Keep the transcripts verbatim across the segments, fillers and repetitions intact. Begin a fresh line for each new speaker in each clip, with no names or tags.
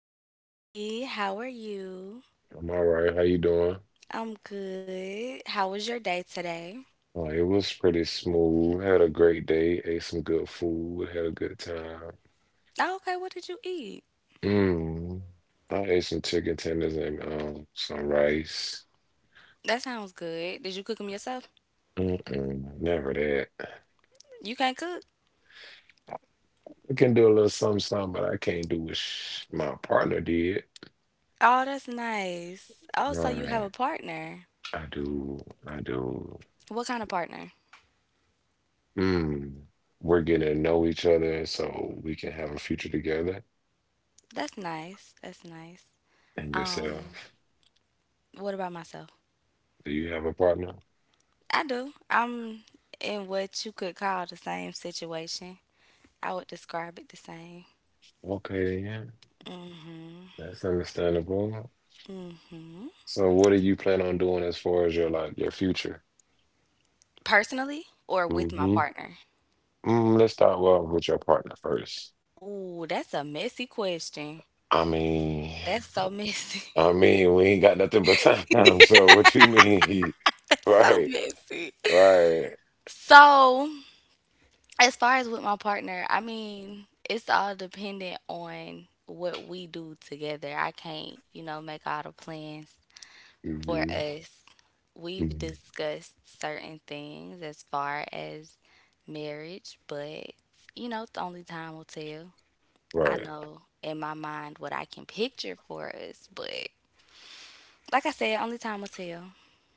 M P. How are you?
I'm all right. How you doing?
I'm good. How was your day today?
Oh, it was pretty smooth. Had a great day. Ate some good food. Had a good time.
Oh, okay, what did you eat?
Mm. I ate some chicken tenders and um, some rice.
That sounds good. Did you cook them yourself?
Mm-mm, never that. I
You can't cook?
can do a little something, something, but I can't do what sh my partner did.
Oh, that's nice. Oh, so you have
Right.
a partner.
I do. I do.
What kind of partner?
Mm. We're getting to know each other so we can have a future together.
That's nice. That's nice.
And
Um,
yourself.
what about myself?
Do you have a partner?
I do. I'm in what you could call the same situation. I would describe it the same.
Okay, yeah. That's understandable. So, what do you plan on doing as far as your like your future?
Personally or with my
Mm-hmm.
partner?
Mm, let's start well with your partner first.
Oh, that's a messy question.
I mean,
That's so messy.
I mean, we ain't got nothing but time. So, what you mean?
That's so
Right,
messy.
right.
So, as far as with my partner, I mean, it's all dependent on what we do together. I can't, you know, make all the plans for
Hmm.
us. We've
Hmm.
discussed certain things as far as marriage, but, you know, the only time will tell. I
Right,
know in my mind what I can picture for us, but like I said, only time will tell.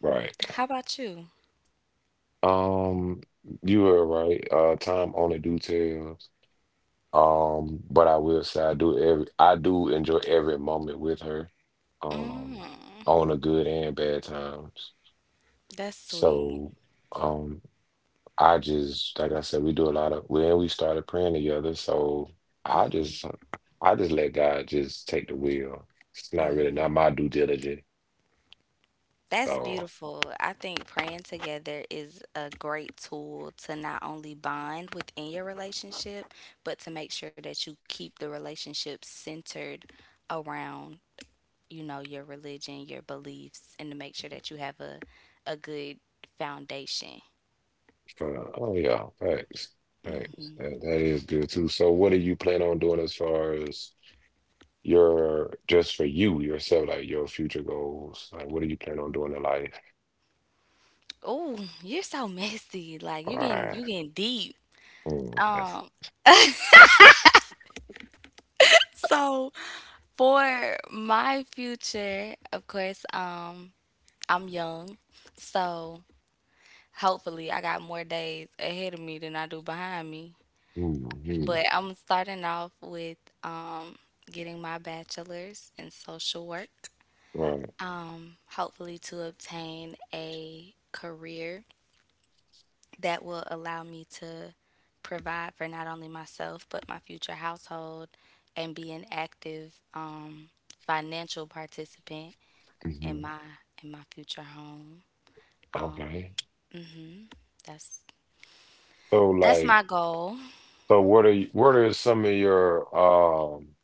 right.
How about you?
Um, you were right. Uh, time only details. Um, but I will say I do every I do enjoy every moment with her. Um,
Mm,
on the good and bad times.
that's sweet.
So um I just like I said, we do a lot of when we started praying together. So I
Mm,
just I just let God just take the wheel. It's not really not my due diligence.
that's
So
beautiful. I think praying together is a great tool to not only bond within your relationship, but to make sure that you keep the relationship centered around, you know, your religion, your beliefs, and to make sure that you have a a good foundation.
uh, oh yeah, thanks. Thanks. That, that is good too. So what do you plan on doing as far as your just for you yourself, like your future goals? Like what do you plan on doing in life?
Oh, you're so messy. Like you getting
All
you getting deep.
right.
Um, so for my future, of course, um, I'm young, so hopefully I got more days ahead of me than I do behind me.
Mm-hmm. Mm-hmm.
But I'm starting off with um, getting my bachelor's in social work.
Right.
Um, hopefully to obtain a career that will allow me to provide for not only myself but my future household and be an active um, financial participant
Hmm.
in my in my future home.
Okay.
That's
So
that's
like,
my goal.
so what are you, what are some of your um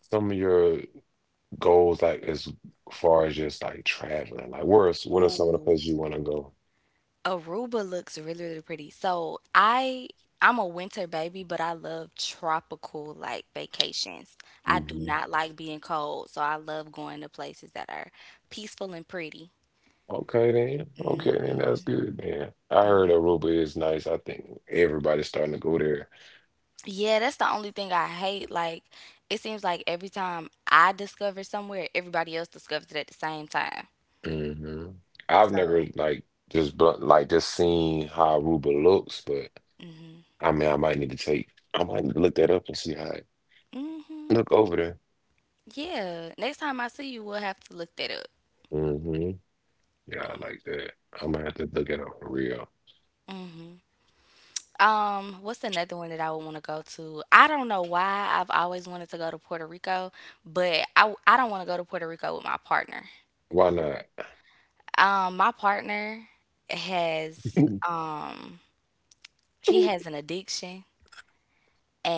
some of your goals like as far as just like traveling? Like where's what are some of the
Ooh,
places you want to go?
Aruba looks really, really pretty. So I I'm a winter baby, but I love tropical like vacations. I do
Hmm.
not like being cold, so I love going to places that are peaceful and pretty.
Okay then. Okay then.
Hmm.
That's good then. I heard Aruba is nice. I think everybody's starting to go there.
Yeah, that's the only thing I hate. Like it seems like every time I discover somewhere, everybody else discovers it at the same time.
Hmm. I've never
So,
like just but like just seen how Aruba looks, but I mean, I might need to take, I might need to look that up and see how it
hmm.
look over there.
Yeah, next time I see you, we'll have to look that up.
Hmm. Yeah, I like that. I might have to look it up for real.
Um, what's another one that I would want to go to? I don't know why I've always wanted to go to Puerto Rico, but I I don't want to go to Puerto Rico with my partner.
Why not?
Um, my partner has um he has an addiction,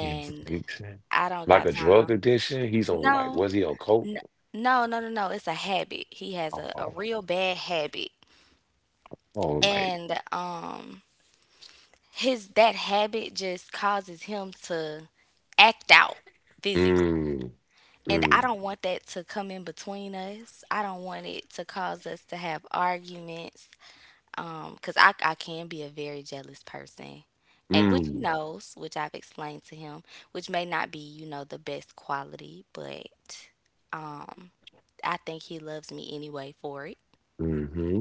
His addiction,
I don't
like
got
a drug
time.
addiction. He's on like,
No,
was he on coke?
n- no, no, no, no. It's a habit. He has
Oh,
a, a
oh,
real bad habit.
oh, like,
And um his that habit just causes him to act out physically.
mm,
And
mm,
I don't want that to come in between us. I don't want it to cause us to have arguments. Um, 'cause I, I can be a very jealous person. And which he
mm,
knows, which I've explained to him, which may not be, you know, the best quality, but um, I think he loves me anyway for it.
mm-hmm.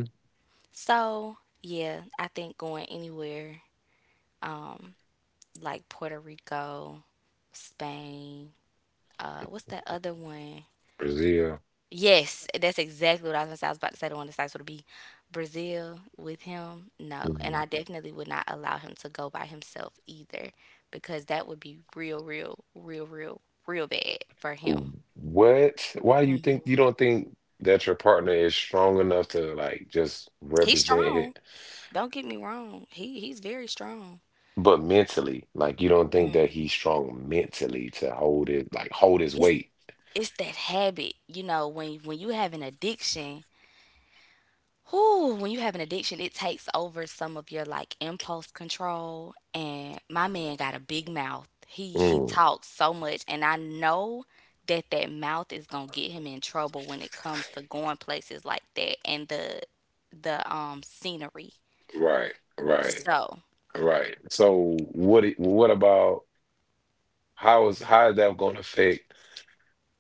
So, yeah, I think going anywhere, um, like Puerto Rico, Spain, uh, what's that other one?
Brazil.
Yes, that's exactly what I was, gonna say. I was about to say. The one that's like sort of be Brazil with him, no, and
Mm-hmm.
I definitely would not allow him to go by himself either, because that would be real, real, real, real, real bad for him.
What? Why do you think
Hmm.
you don't think that your partner is strong enough to like just
He's
represent
strong.
it,
Don't get me wrong. He he's very strong.
but mentally, like you don't think that
Mm.
he's strong mentally to hold it, like hold his
It's
weight.
it's that habit, you know, when when you have an addiction. Whew, when you have an addiction, it takes over some of your like impulse control. And my man got a big mouth. He he
Mm.
talks so much, and I know that that mouth is gonna get him in trouble when it comes to going places like that and the the um scenery.
Right, right,
So
right. So what? it- What about how is how is that going to affect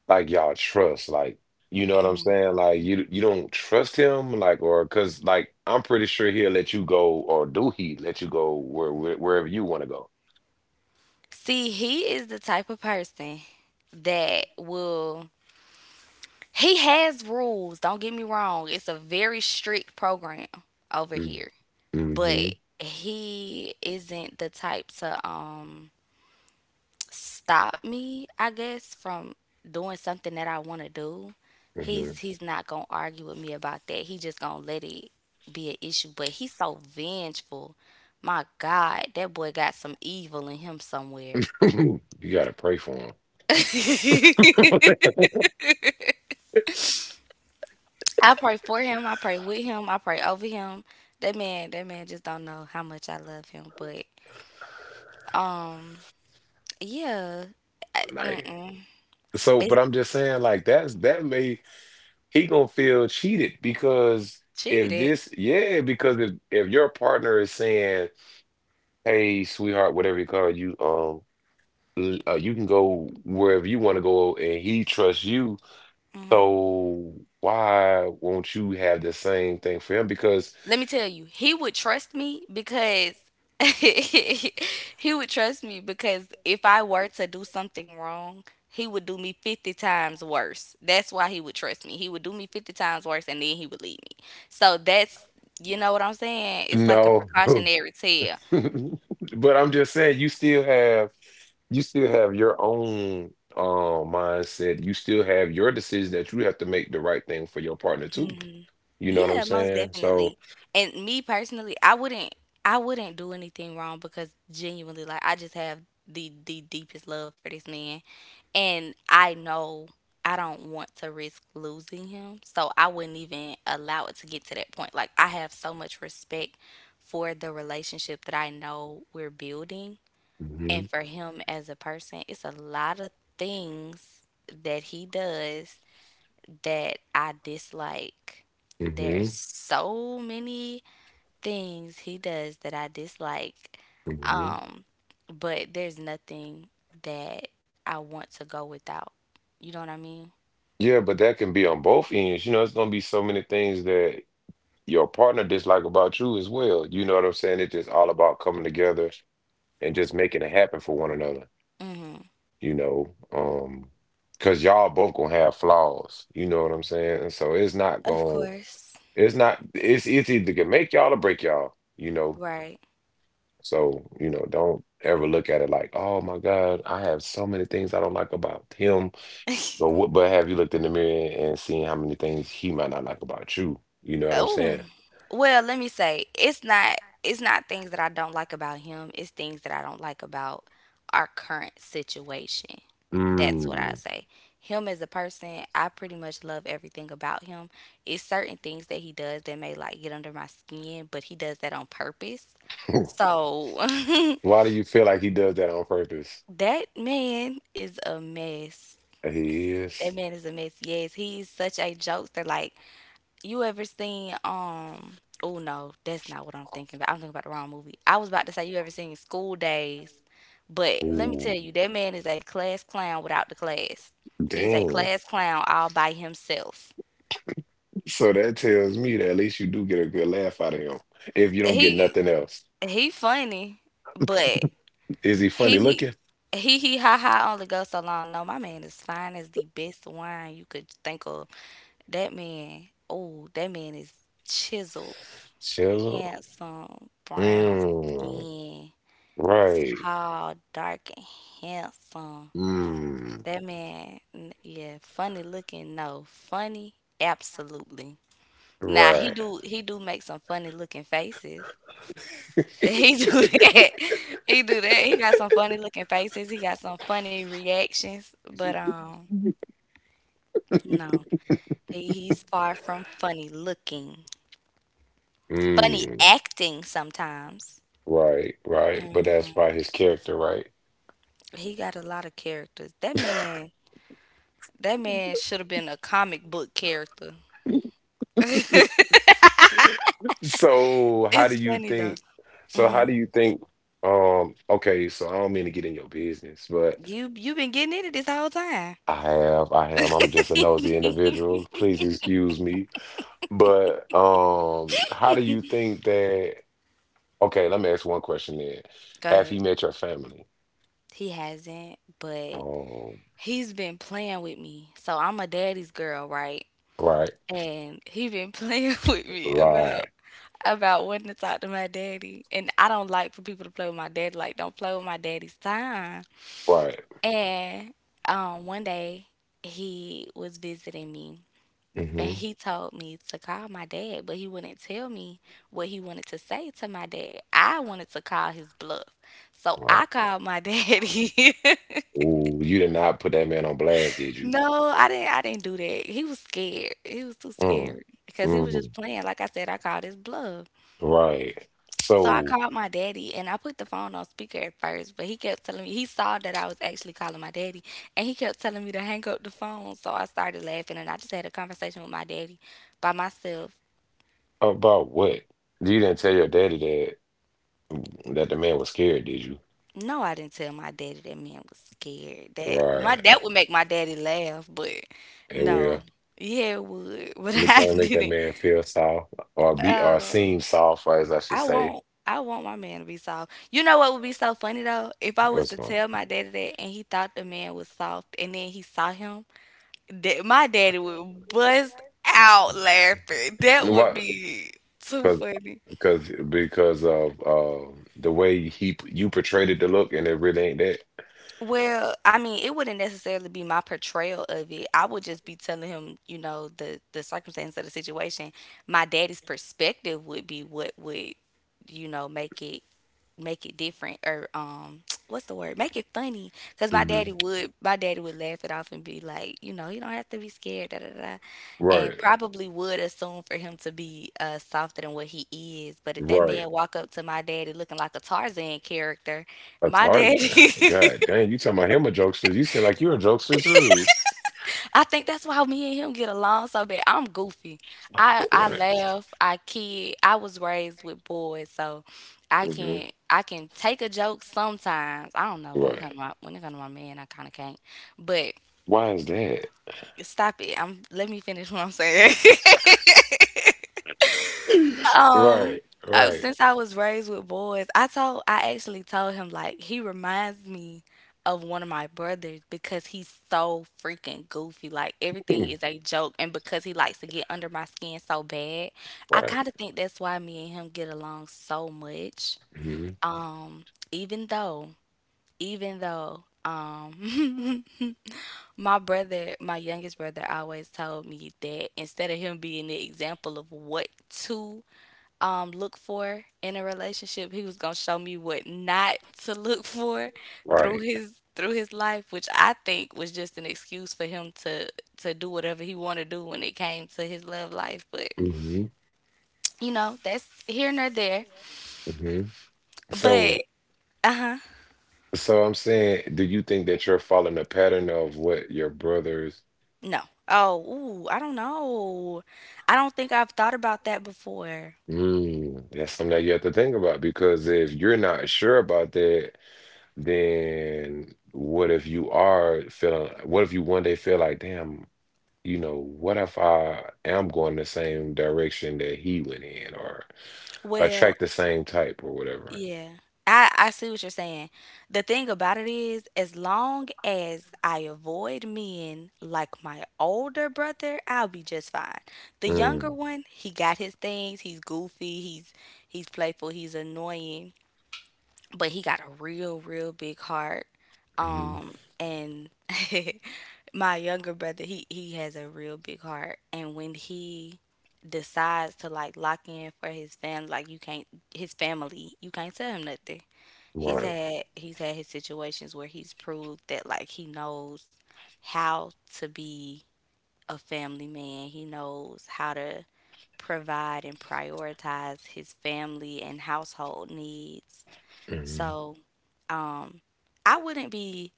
like y'all trust? Like you know what I'm saying? Like you you don't trust him, like or because like I'm pretty sure he'll let you go, or do he let you go where, where wherever you want to
see, he is the type of person that will he has rules. Don't get me wrong. It's a very strict program over
go?
here.
Hmm.
But he isn't the type to um stop me, I guess, from doing something that I want to do.
Hmm.
He's he's not gonna argue with me about that. He just gonna let it be an issue. But he's so vengeful. My God, that boy got some evil in him somewhere.
You gotta pray for him.
I pray for him. I pray with him. I pray over him. That man, that man just don't know how much I love him. But um, yeah,
Like
mm-mm.
so,
It's
but I'm just saying, like that's that may he gonna feel cheated because if
cheated.
this, yeah, because if if your partner is saying, "Hey, sweetheart, whatever you call it, you, um, l- uh, you can go wherever you want to go," and he trusts you, so why won't you have the same thing for him? Because
Let me tell you, he would trust me because he would trust me because if I were to do something wrong, he would do me fifty times worse. That's why he would trust me. He would do me fifty times worse and then he would leave me. So that's, you know what I'm saying? It's like a
no,
precautionary tale.
but I'm just saying, you still have you still have your own um mindset. You still have your decision that you have to make the right thing for your partner too. You know what I'm
Yeah, most
saying? So,
definitely. And me personally, I wouldn't I wouldn't do anything wrong because genuinely like I just have the the deepest love for this man. And I know I don't want to risk losing him. So I wouldn't even allow it to get to that point. Like, I have so much respect for the relationship that I know we're building. And
mhm,
for him as a person, it's a lot of things that he does that I dislike. There's
mhm,
so many things he does that I dislike.
mhm,
Um, but there's nothing that I want to go without. You know what I mean?
yeah, but that can be on both ends. You know, it's gonna be so many things that your partner dislike about you as well. You know what I'm saying? It's just all about coming together and just making it happen for one another.
Hmm.
You know, um, because y'all both gonna have flaws, you know what I'm saying? And so it's not
Of
gonna,
course.
it's not, it's it's either gonna make y'all or break y'all, you know.
Right.
So, you know, don't ever look at it like, oh my God, I have so many things I don't like about him. But what, but have you looked in the mirror and seen how many things he might not like about you? You know what I'm
Oh,
saying?
well, let me say it's not it's not things that I don't like about him. It's things that I don't like about our current situation. That's what I
Mm.
say. Him as a person, I pretty much love everything about him. It's certain things that he does that may like get under my skin, but he does that on purpose. So
Why do you feel like he does that on purpose?
that man is a mess.
He
That
is.
man is a mess. Yes, he's such a jokester. Like you ever seen um oh no, that's not what I'm thinking about. I'm thinking about the wrong movie. I was about to say you ever seen School Days, but let me
Ooh,
tell you, that man is a class clown without the class. He's a
dang.
class clown all by himself.
So that tells me that at least you do get a good laugh out of him if you don't get
He
nothing else.
he funny, but
Is he funny
he
looking?
he he ha ha only goes so long. No, my man is fine as the best wine you could think of. That man, oh, that man is chiseled,
Chisel.
handsome, brown
Mm,
skin.
right.
Tall, dark, and handsome.
Mm,
That man, n- yeah, funny looking. No, funny, absolutely. Now he
right.
do he do make some funny looking faces. He do that. He do that. He got some funny looking faces. He got some funny reactions. But um, no, he, he's far from funny looking. Funny
Mm,
acting sometimes.
right, right. But that's by his character, right?
He got a lot of characters. That man, that man should have been a comic book character.
So how
It's
do you
funny though.
think so how do you think um okay, so I don't mean to get in your business, but
You you've been getting into this whole time.
I have I am I'm just a nosy individual. Please excuse me. But um, how do you think that? Okay, let me ask one question then.
Go
Have
ahead.
you met your family?
He hasn't, but
Oh,
he's been playing with me. So I'm a daddy's girl, right?
right,
And he been playing with me about
right,
about wanting to talk to my daddy. And I don't like for people to play with my daddy. Like, don't play with my daddy's time.
right.
And um, one day he was visiting me. And
Mm-hmm.
he told me to call my dad, but he wouldn't tell me what he wanted to say to my dad. I wanted to call his bluff. So
Right.
I called my daddy.
Ooh, you did not put that man on blast, did you?
No, I didn't I didn't do that. He was scared. He was too
Mm,
scared because he was just
mm,
playing. Like I said, I called his bluff.
right.
So I
So
called my daddy and I put the phone on speaker at first, but he kept telling me he saw that I was actually calling my daddy, and he kept telling me to hang up the phone. So I started laughing and I just had a conversation with my daddy by myself.
about what? You didn't tell your daddy that mm, that the man was scared, did you?
No, I didn't tell my daddy that man was scared. That my
Right.
that would make my daddy laugh, but
And
no.
well,
Yeah, it would, but
let me
I
try to make that
didn't.
man feel soft or be or
Uh,
seem soft, as I should
I
say.
want I want my man to be soft. You know what would be so funny though? If I was
What's
to
going?
tell my daddy that and he thought the man was soft and then he saw him, that my daddy would bust out laughing. That would
What?
be too
because
funny.
because because of uh, the way he you portrayed it to look, and it really ain't that.
Well, I mean, it wouldn't necessarily be my portrayal of it. I would just be telling him, you know, the the circumstances of the situation. My daddy's perspective would be what would, you know, make it make it different or um what's the word? Make it funny cuz my daddy
Hmm.
would my daddy would laugh it off and be like, you know, "You don't have to be scared da da da. Da." And
Right,
probably would assume for him to be uh softer than what he is. But if that
right.
man walk up to my daddy looking like a Tarzan character,
That's
my
hard.
daddy.
God dang, you talking about him a jokester? You seem like you're a jokester too.
I think that's why me and him get along so bad. I'm goofy. I I
Right,
laugh. I kid. I was raised with boys, so I
hmm,
can I can take a joke sometimes. I don't know when it comes to
right.
my when it comes to my man. I kind of can't. But
Why is that?
stop it. I'm Let me finish what I'm saying. Um,
Right,
uh,
right,
since I was raised with boys, I told I actually told him like he reminds me of one of my brothers because he's so freaking goofy. Like everything is a joke, and because he likes to get under my skin so bad, I
right,
kind of think that's why me and him get along so much.
hmm,
Um, even though, even though, um, my brother, my youngest brother, always told me that instead of him being the example of what to um, look for in a relationship. He was gonna show me what not to look for through
right,
his through his life, which I think was just an excuse for him to to do whatever he wanted to do when it came to his love life. But
hmm,
you know, that's here nor there.
hmm,
But
so,
uh huh,
so I'm saying, do you think that you're following a pattern of what your brothers?
no. Oh, ooh, I don't know. I don't think I've thought about that before.
Mm, that's something that you have to think about because if you're not sure about that, then what if you are feeling, what if you one day feel like, damn, you know, what if I am going the same direction that he went in or
Well,
attract the same type or whatever?
yeah. I, I see what you're saying. The thing about it is, as long as I avoid men like my older brother, I'll be just fine. The younger
Mm,
one, he got his things. He's goofy. He's he's playful. He's annoying, but he got a real, real big heart.
mhm,
Um, and my younger brother, he he has a real big heart. And when he decides to like lock in for his family, like you can't his family, you can't tell him nothing. He's
right.
had he's had his situations where he's proved that like he knows how to be a family man. He knows how to provide and prioritize his family and household needs.
Mhm.
So, um I wouldn't be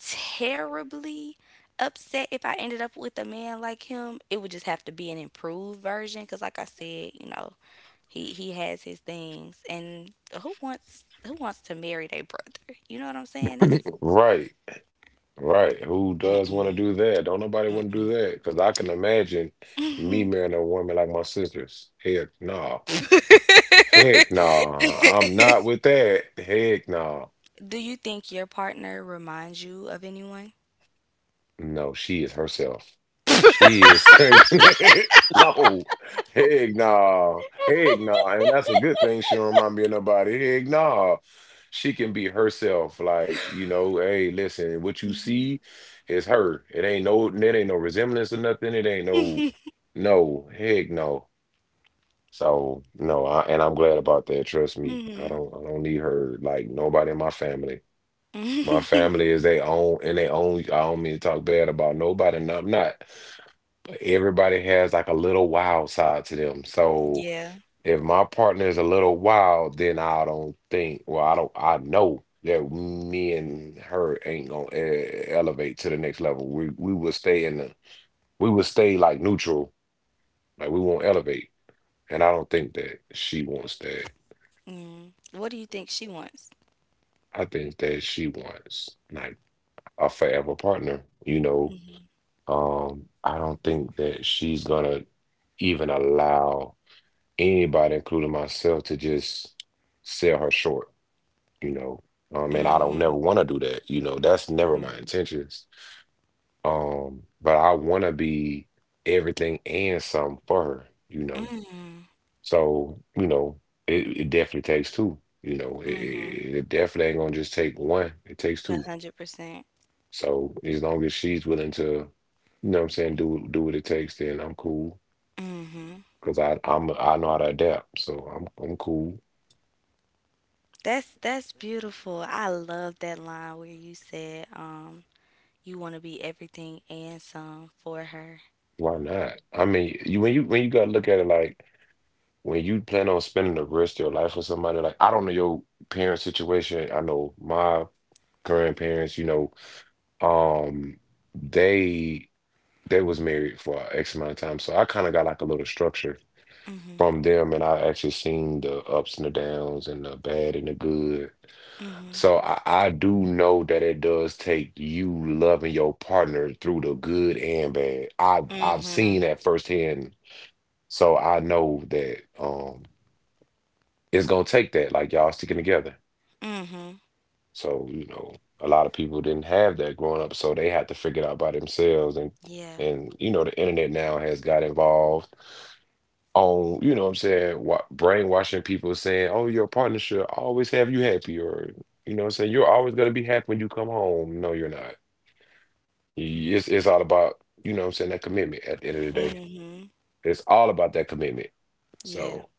terribly upset if I ended up with a man like him. It would just have to be an improved version cuz like I said, you know, he he has his things, and who wants who wants to marry their brother? You know what I'm saying? That's
Right. Right. Who does want to
mm-mm,
do that? Don't nobody want to do that. Because I can imagine me
mm-mm.
marrying a woman like my sisters. Heck no. Heck no. I'm not with that. Heck no.
Do you think your partner reminds you of anyone?
No, she is herself. She is no, heck nah, heck nah, and that's a good thing. She don't remind me of nobody. Heck nah, she can be herself. Like you know, hey, listen, what you
Mhm.
see is her. It ain't no, it ain't no resemblance or nothing. It ain't no, no, heck no. So no, I, and I'm glad about that. Trust me, I
Mhm.
don't, I don't need her like nobody in my family. My family is they own and they own. I don't mean to talk bad about nobody, and I'm not. But everybody has like a little wild side to them. So
Yeah.
if my partner is a little wild, then I don't think. Well, I don't. I know that me and her ain't gonna e- elevate to the next level. We we will stay in the. We will stay like neutral. Like we won't elevate. And I don't think that she wants that.
Mm. What do you think she wants?
I think that she wants like a forever partner. You know, um, I don't think that she's gonna even allow anybody, including myself, to just sell her short, you know. Um, and I don't
Mhm.
never want to do that, you know. That's never my
Mhm.
intentions. Um, but I want to be everything and some for her, you know. So, you know, it, it definitely takes two, you know. It, it, it definitely ain't gonna just take one. It takes
A
two.
hundred percent.
So as long as she's willing to, you know what I'm saying, do do what it takes, then I'm cool.
Mhm.
Cause I I'm I know how to adapt, so I'm I'm cool.
That's that's beautiful. I love that line where you said, um, You want to be everything and some for her.
Why not? I mean, you when you when you gotta look at it like when you plan on spending the rest of your life with somebody, like I don't know your parents' situation. I know my grandparents, you know, um, they they was married for X amount of time, so I kind of got like a little structure
Mhm.
from them, and I actually seen the ups and the downs and the bad and the good.
Mhm.
So I, I do know that it does take you loving your partner through the good and bad. I I've
Mhm.
seen that firsthand. So I know that um it's gonna take that, like y'all sticking together.
Mhm.
So, you know, a lot of people didn't have that growing up, so they had to figure it out by themselves, and
Yeah.
and you know the internet now has got involved on, you know what I'm saying, wa brainwashing people saying, oh, your partner should always have you happy, or you know what I'm saying, you're always gonna be happy when you come home, no, you're not. It's it's all about, you know what I'm saying, that commitment at the end of the day.
Mhm.
It's all about that commitment.
Yeah.
So,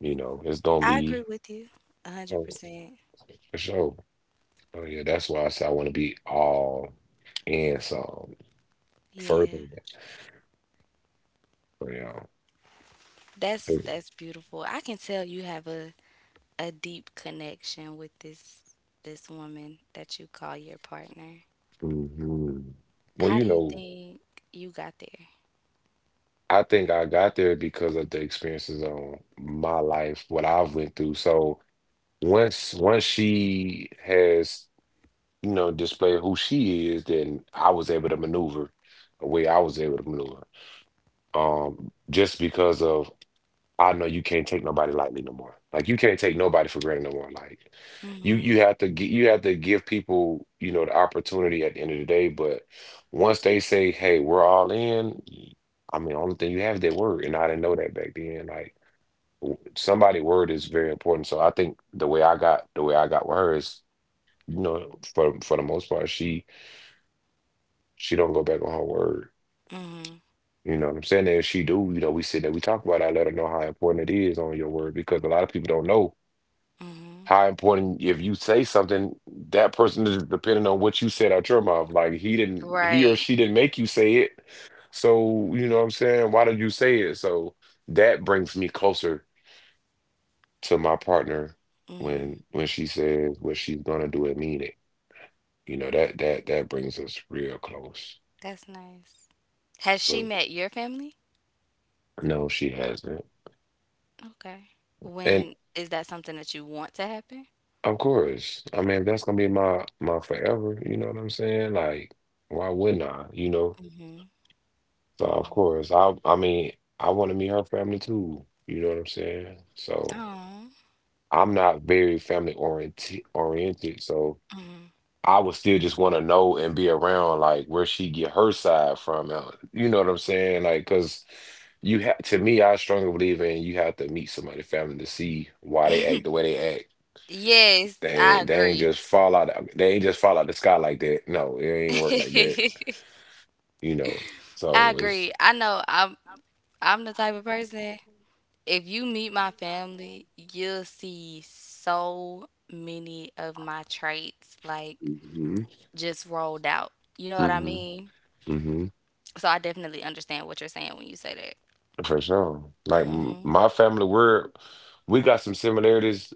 you know, it's gonna
I agree
be
with you. A
oh,
a hundred percent.
for sure. Oh yeah, that's why I say I wanna be all in some
Yeah.
further. But yeah.
That's that's beautiful. I can tell you have a a deep connection with this this woman that you call your partner.
Hmm. Well,
How do
you
you
know,
think you got there?
I think I got there because of the experiences on my life, what I've went through. So once once she has you know, display who she is, then I was able to maneuver the way I was able to maneuver. Um, just because of I know you can't take nobody lightly no more. Like you can't take nobody for granted no more. Like you
Mhm.
you have to gi- you have to give people, you know, the opportunity at the end of the day. But once they say, hey, we're all in, I mean, only thing you have is their word. And I didn't know that back then. Like somebody' word is very important. So I think the way I got the way I got with her is, you know, for for the most part, she She don't go back on her word.
Mhm.
You know what I'm saying? And if she do, you know, we sit there, we talk about it, I let her know how important it is on your word because a lot of people don't know
Mhm.
how important if you say something, that person is depending on what you said out your mouth. Like he didn't he or
Right.
she didn't make you say it. So, you know what I'm saying? Why did you say it? So that brings me closer to my partner
Mhm.
when when she says what she's gonna do and mean it. You know, that that that brings us real close.
That's nice. Has she
But
met your family?
no, she hasn't.
Okay.
And.
When is that something that you want to happen?
Of course. I mean, if that's gonna be my my forever, you know what I'm saying? Like, why wouldn't I? You know?
Mhm.
So of course, I I mean, I want to meet her family too. You know what I'm saying? So
Oh.
I'm not very family oriented oriented, so I would still just want to know and be around like where she get her side from. uh, You know what I'm saying? Like, cause you have to me, I strongly believe in you have to meet somebody's family to see why they act the way they act.
Yes,
They
I
ain't, they ain't
agree.
just fall out. They ain't just fall out the sky like that. No, it ain't work like that. You know.
I
So it's
agree. I know I'm I'm the type of person, if you meet my family, you'll see so many of my traits like
Hmm.
just rolled out. You know what I
Hmm.
mean?
Hmm.
So I definitely understand what you're saying when you say that.
For sure. Like m-
Mhm.
my family, we're we got some similarities.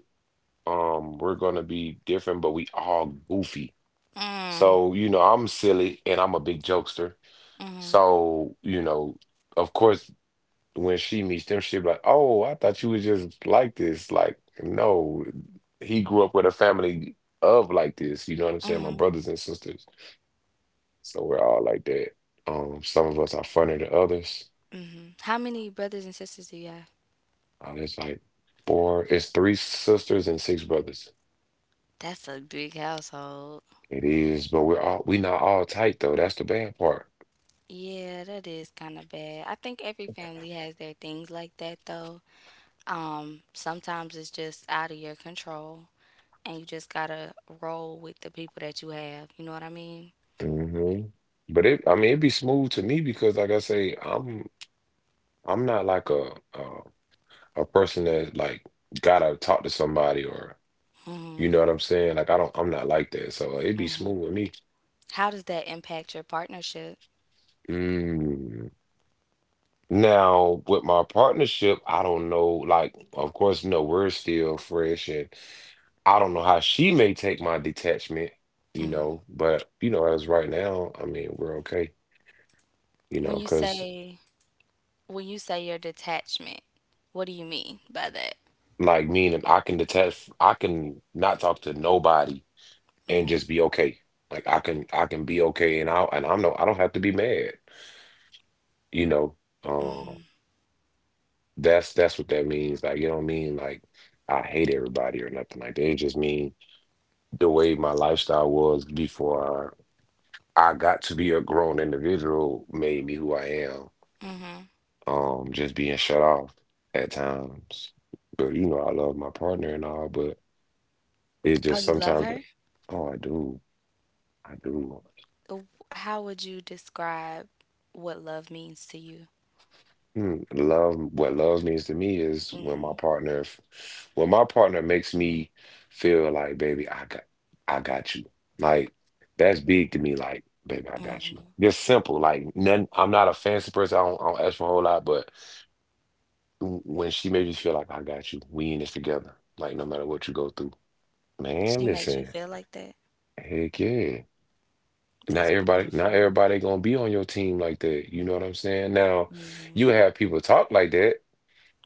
Um, we're gonna be different, but we all goofy.
Mm,
So you know, I'm silly and I'm a big jokester.
mhm.
So you know, of course. When she meets them, she'll be like, "Oh, I thought you was just like this." Like, no, he grew up with a family of like this. You know what I'm saying? My brothers and sisters, so we're all like that. Um, some of us are funnier than others.
Mhm. How many brothers and sisters do you have?
Uh, it's like four, it's three sisters and six brothers.
That's a big household.
It is, but we're all we not all tight though. That's the bad part.
Yeah, that is kind of bad. I think every family has their things like that though. Um, sometimes it's just out of your control and you just gotta roll with the people that you have. You know what I mean?
Hmm. But it, I mean, it'd be smooth to me because, like I say, I'm I'm not like a a, a person that like gotta talk to somebody or You know what I'm saying? Like I don't, I'm not like that. So it be smooth with me.
How does that impact your partnership?
Mm. Now with my partnership, I don't know. Like, of course, you know, we're still fresh, and I don't know how she may take my detachment. You know, but you know, as right now, I mean, we're okay. You know,
When you
because
say when you say your detachment, what do you mean by that?
like meaning I can detach, I can not talk to nobody and just be okay. Like I can, I can be okay, and I and I'm no, I don't have to be mad. You know. um. That's that's what that means. Like, you don't mean like I hate everybody or nothing like that. It just mean the way my lifestyle was before I got to be a grown individual made me who I am. Um, just being shut off at times. But you know, I love my partner and all, but it's
Oh,
just
you love
sometimes,
her?
oh, I do, I do.
Uh, How would you describe what love means to you?
Mm. Love, what love means to me is when my
Hmm.
partner, f- when my partner makes me feel like, baby, I got, I got you. Like that's big to me. Like, baby, I got you. Just simple. Like, none. I'm not a fancy person. I don't, I don't ask for a whole lot. But w- when she made me feel like I got you, we in this together. Like, no matter what you go through, man.
She makes you
Listen,
feel like that.
heck yeah. Not
That's
everybody, not
beautiful.
everybody gonna be on your team like that. You know what I'm saying? Now, you
Hmm.
have people talk like that.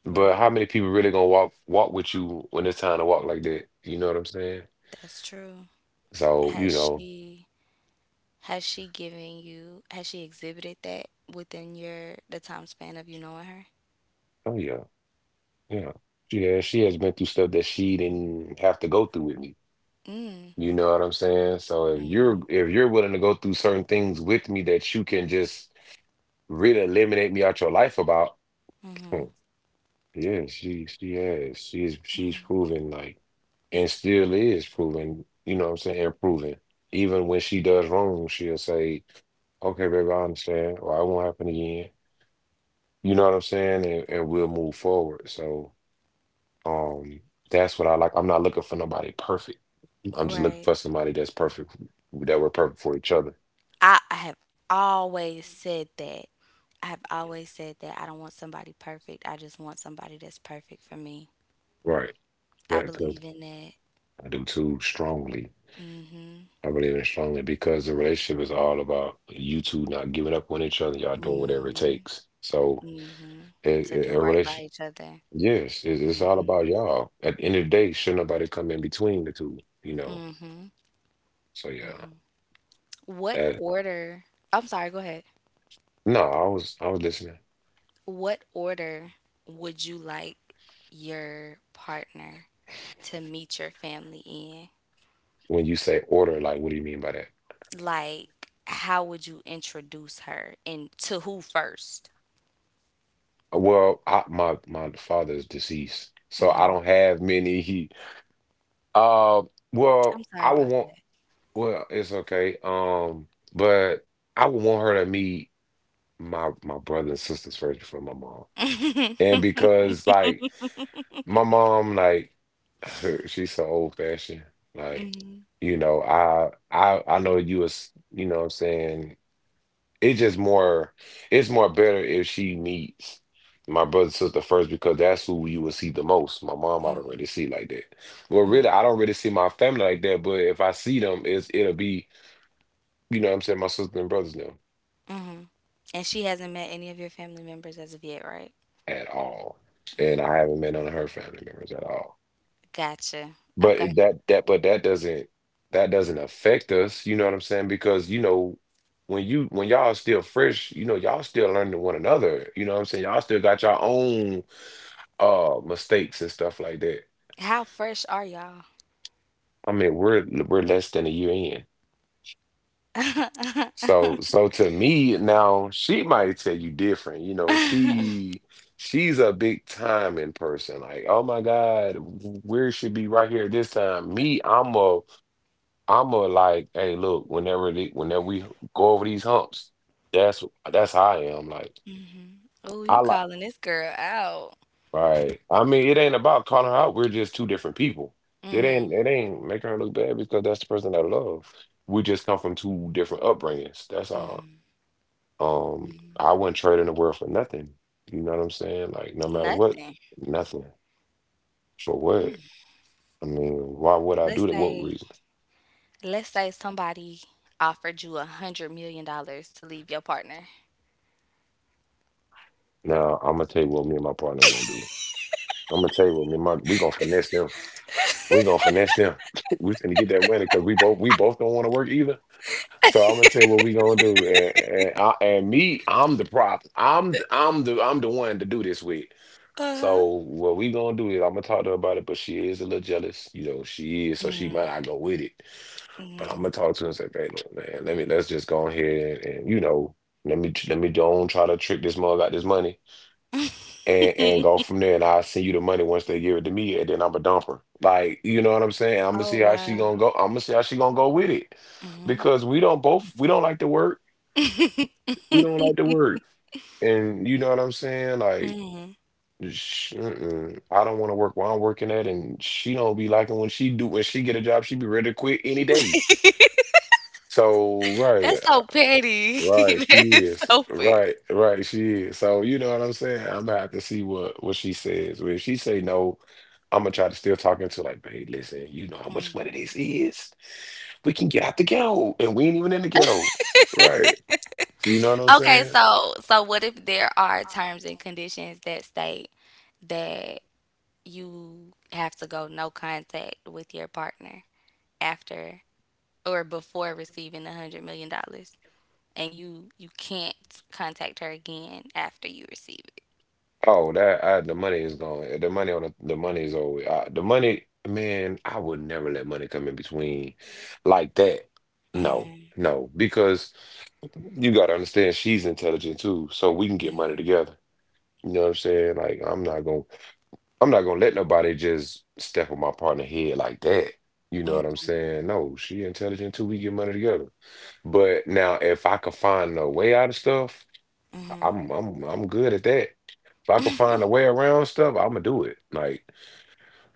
But
Right.
how many people really gonna walk walk with you when it's time to walk like that? You know what I'm saying?
That's true.
So, you
Has
know,
she has she given you has she exhibited that within your the time span of you knowing her?
oh yeah, yeah. She has she has been through stuff that she didn't have to go through with me.
Mm,
You know what I'm saying? So if you're if you're willing to go through certain things with me that you can just really eliminate me out your life about, hmm, yeah, she she has. She's she's proven like and still is proving, you know what I'm saying, improving. Even when she does wrong, she'll say, okay, baby, I understand, or I won't happen again. You know what I'm saying? And, and we'll move forward. So um, that's what I like. I'm not looking for nobody perfect. I'm just looking
right.
for somebody that's perfect, that we're perfect for each other.
I, I have always said that. I have always said that I don't want somebody perfect. I just want somebody that's perfect for me.
Right.
I
That, 'cause
believe in that.
I do too strongly. I believe in it strongly because the relationship is all about you two not giving up on each other. Y'all doing whatever it
Hmm.
takes. So
Hmm. To
a,
do right
a
by each other.
yes, it, it's all about y'all. At the end of the day, should nobody come in between the two, you know.
Hmm.
So yeah,
What
that
order? I'm sorry, go ahead.
no, I was I was listening.
What order would you like your partner to meet your family in?
When you say order, like what do you mean by that?
Like, how would you introduce her and to who first?
Uh, Well, I, my my father's deceased, so I don't have many. He, uh, well,
I'm sorry
I would
about
want.
that.
Well, it's okay. Um, but I would want her to meet my my brother and sisters first before my mom, and because like. My mom like her, she's so old fashioned. Like,
Hmm.
you know, I I I know you was, you know what I'm saying? It's just more it's more better if she meets my brother and sister first because that's who you will see the most. My mom I don't really see like that. Well
Hmm.
really I don't really see my family like that, but if I see them it's it'll be, you know what I'm saying, my sister and brothers now
And she hasn't met any of your family members as of yet, right?
at all. And I haven't met none of her family members at all.
Gotcha.
But it-
Okay.
that that but that doesn't that doesn't affect us, you know what I'm saying? Because you know when you when y'all still fresh, you know y'all still learning one another, you know what I'm saying? Y'all still got your own uh mistakes and stuff like that.
How fresh are y'all?
I mean, we're we're less than a year in. So so to me now she might tell you different, you know, she she's a big time in person. Like, oh my God, we should be right here this time. Me, I'm a I'ma like, hey, look, whenever they, whenever we go over these humps, that's that's how I am. Like,
Oh,
I
you
like,
calling this girl out?
right? I mean, it ain't about calling her out. We're just two different people. It
Hmm.
ain't, it ain't making her look bad because that's the person that I love. We just come from two different upbringings. That's all. Um, I wouldn't trade in the world for nothing. You know what I'm saying? Like, no matter what,
Nothing.
nothing for what. I mean, why would I do
Let's
that? What
say,
reason?
let's say somebody offered you a hundred million dollars to leave your partner.
Now, I'm gonna tell you what me and my partner gonna do. I'm gonna tell you what me and my we gonna finesse them. We're gonna finesse them. We gonna get that money because we both we both don't want to work either. So I'm gonna tell you what we gonna do. And and, I, and me, I'm the prop. I'm I'm the I'm the one to do this with.
Uh huh.
So what we gonna do is I'm gonna talk to her about it, but she is a little jealous. You know, she is, so she might not go with it. But I'm
Mm-hmm.
gonna talk to her and say, babe, look, man, let me let's just go ahead and, and you know, let me let me don't try to trick this mug out this money and and go from there. And I'll send you the money once they give it to me, and then I'm a dumper. Like, you know what I'm saying? I'm gonna see
Oh
how she
wow.
gonna go. I'm gonna see how she gonna go with it,
Mm-hmm.
because we don't both we don't like to work. We don't like to work, and you know what I'm saying? Like, sh- mm-mm. I don't want to work where I'm working at, and she don't be liking when she do when she get a job. She be ready to quit any day. So right.
That's so petty.
Right,
That
she
is
is.
so petty.
Right, right, she is. So you know what I'm saying? I'm gonna have to see what what she says. Well, if she say no, I'm gonna try to still talk into like, babe, listen, you know how much money
Mm.
this is. We can get out the ghetto, and we ain't even in the ghetto. Right. You know what I'm
Okay,
saying?
so so what if there are terms and conditions that state that you have to go no contact with your partner after or before receiving a hundred million dollars, and you you can't contact her again after you receive it?
Oh, that I, the money is going. The money on the, the money is always uh, the money. Man, I would never let money come in between like that. No, no, because you gotta understand she's intelligent too, so we can get money together. You know what I'm saying? Like I'm not gonna, I'm not gonna let nobody just step on my partner head like that. You know
Mm,
what I'm saying? No, she intelligent too. We get money together. But now, if I could find a way out of stuff.
mhm.
I'm I'm I'm good at that. If I could find a way around stuff, I'm gonna do it. Like,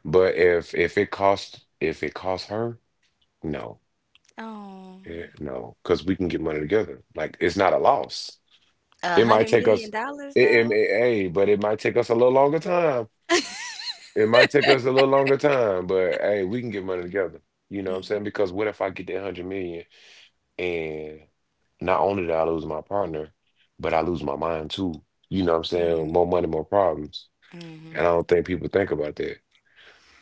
but if if it costs if it costs her, no.
Oh,
Eh, no, because we can get money together. Like, it's not a loss.
a
It
hundred
might take
million
us,
dollars
it,
though.
it, it- Hey, but it might take us a little longer time. It might take us a little longer time, but hey, we can get money together. You know what I'm saying?
Hmm.
Because what if I get that hundred million and not only did I lose my partner, but I lose my mind too. You know what I'm
Mm,
saying? More money, more problems.
mhm.
And I don't think people think about that.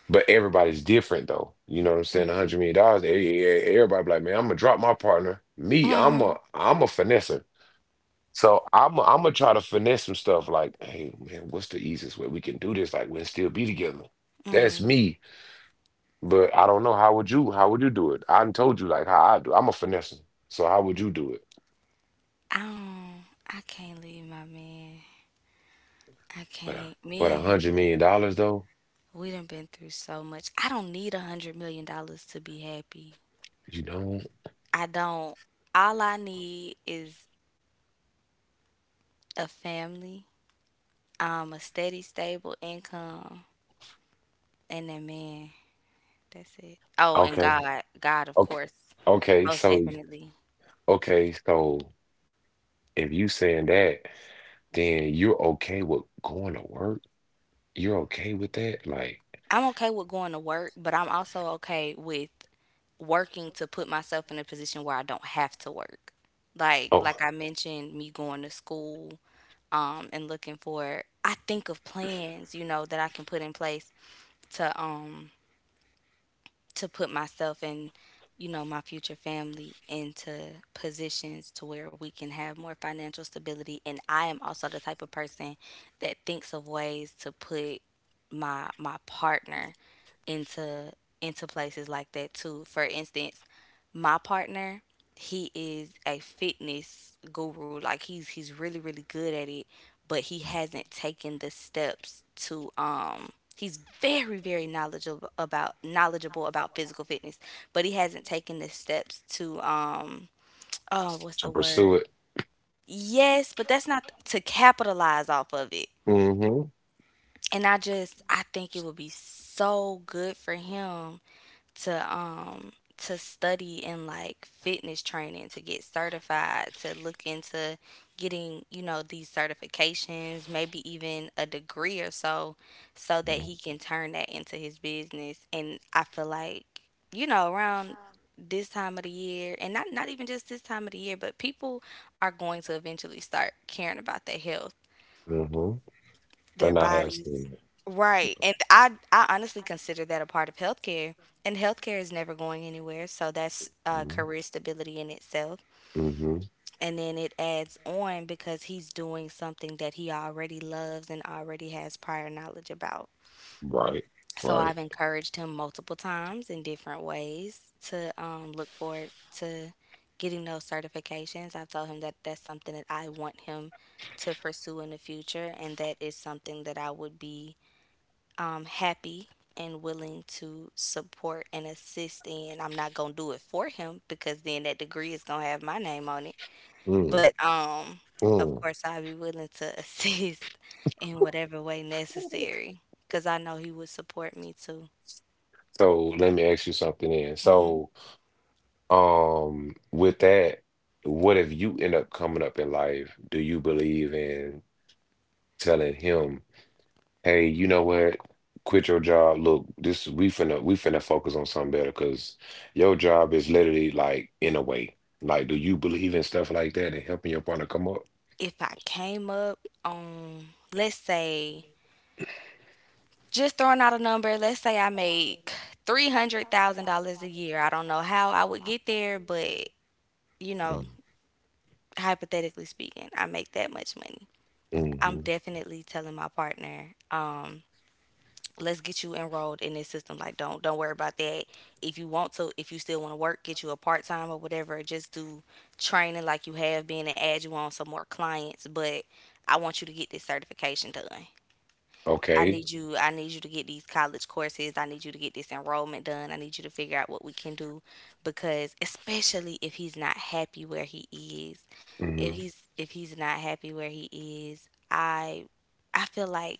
But everybody's different though. You know what I'm saying? A
Mhm.
hundred million dollars, e- e- e, everybody be like, man, I'm gonna drop my partner. Me, I'm a I'm a finesser. So I'm a, I'm gonna try to finesse some stuff like, hey man, what's the easiest way we can do this? Like we'll still be together. That's
Mhm.
me. But I don't know. How would you how would you do it? I done told you like how I do. I'm a finesser. So how would you do it?
Um, I can't leave my man. I
But a-
can't. Me
but a
and him,
hundred
done-
million dollars though,
we done been through so much. I don't need a hundred million dollars to be happy.
you know?
I don't. All I need is a family, um, a steady, stable income, and that man. That's it. Oh, and
Okay.
God, God, of
Okay.
course,
Okay.
most
So
definitely.
okay, so if you saying that, then you're okay with going to work. You're okay with that, like
I'm okay with going to work, but I'm also okay with working to put myself in a position where I don't have to work. Like like
oh,
I mentioned, me going to school um and looking for I think of plans, you know, that I can put in place to um to put myself and you know my future family into positions to where we can have more financial stability, and I am also the type of person that thinks of ways to put my my partner into into places like that too. For instance, my partner, he is a fitness guru. Like he's he's really really good at it, but he hasn't taken the steps to um he's very very knowledgeable about knowledgeable about physical fitness, but he hasn't taken the steps to. Um oh what's
to
the
pursue
word?
it.
Yes, but that's not to capitalize off of it.
Mm-hmm.
And I just I think it would be so good for him to um to study in like fitness training, to get certified, to look into getting you know these certifications, maybe even a degree or so, so that he can turn that into his business. And I feel like you know around this time of the year, and not not even just this time of the year, but people are going to eventually start caring about their health,
Mm-hmm.
their
And I have
bodies.
seen
Right. And I I honestly consider that a part of healthcare. And healthcare is never going anywhere, so
it.
that's uh,
Mm-hmm.
career stability in itself.
Mm-hmm.
And then it adds on because he's doing something that he already loves and already has prior knowledge about.
Right.
So
Right.
I've encouraged him multiple times in different ways to um, look forward to getting those certifications. I've told him that that's something that I want him to pursue in the future, and that is something that I would be um, happy and willing to support and assist in. I'm not gonna do it for him because then that degree is gonna have my name on it.
Mm,
But um, of
mm.
course, I'll be willing to assist in whatever way necessary because I know he would support me too.
So let me ask you something then.
Hmm.
So, um, with that, what if you end up coming up in life? Do you believe in telling him? Hey, you know what? Quit your job. Look, this we finna we finna focus on something better because your job is literally like in a way. Like, do you believe in stuff like that and helping your partner come up?
If I came up on, let's say, just throwing out a number, let's say I make three hundred thousand dollars a year. I don't know how I would get there, but you know, hypothetically speaking, I make that much money. I'm
Mm-hmm.
definitely telling my partner, um, let's get you enrolled in this system. Like don't don't worry about that. If you want to, if you still want to work, get you a part time or whatever. Just do training like you have been and add you on some more clients. But I want you to get this certification done. I
Okay.
need you I need you to get these college courses. I need you to get this enrollment done. I need you to figure out what we can do, because especially if he's not happy where he is. If
Hmm.
he's if he's not happy where he is, I I feel like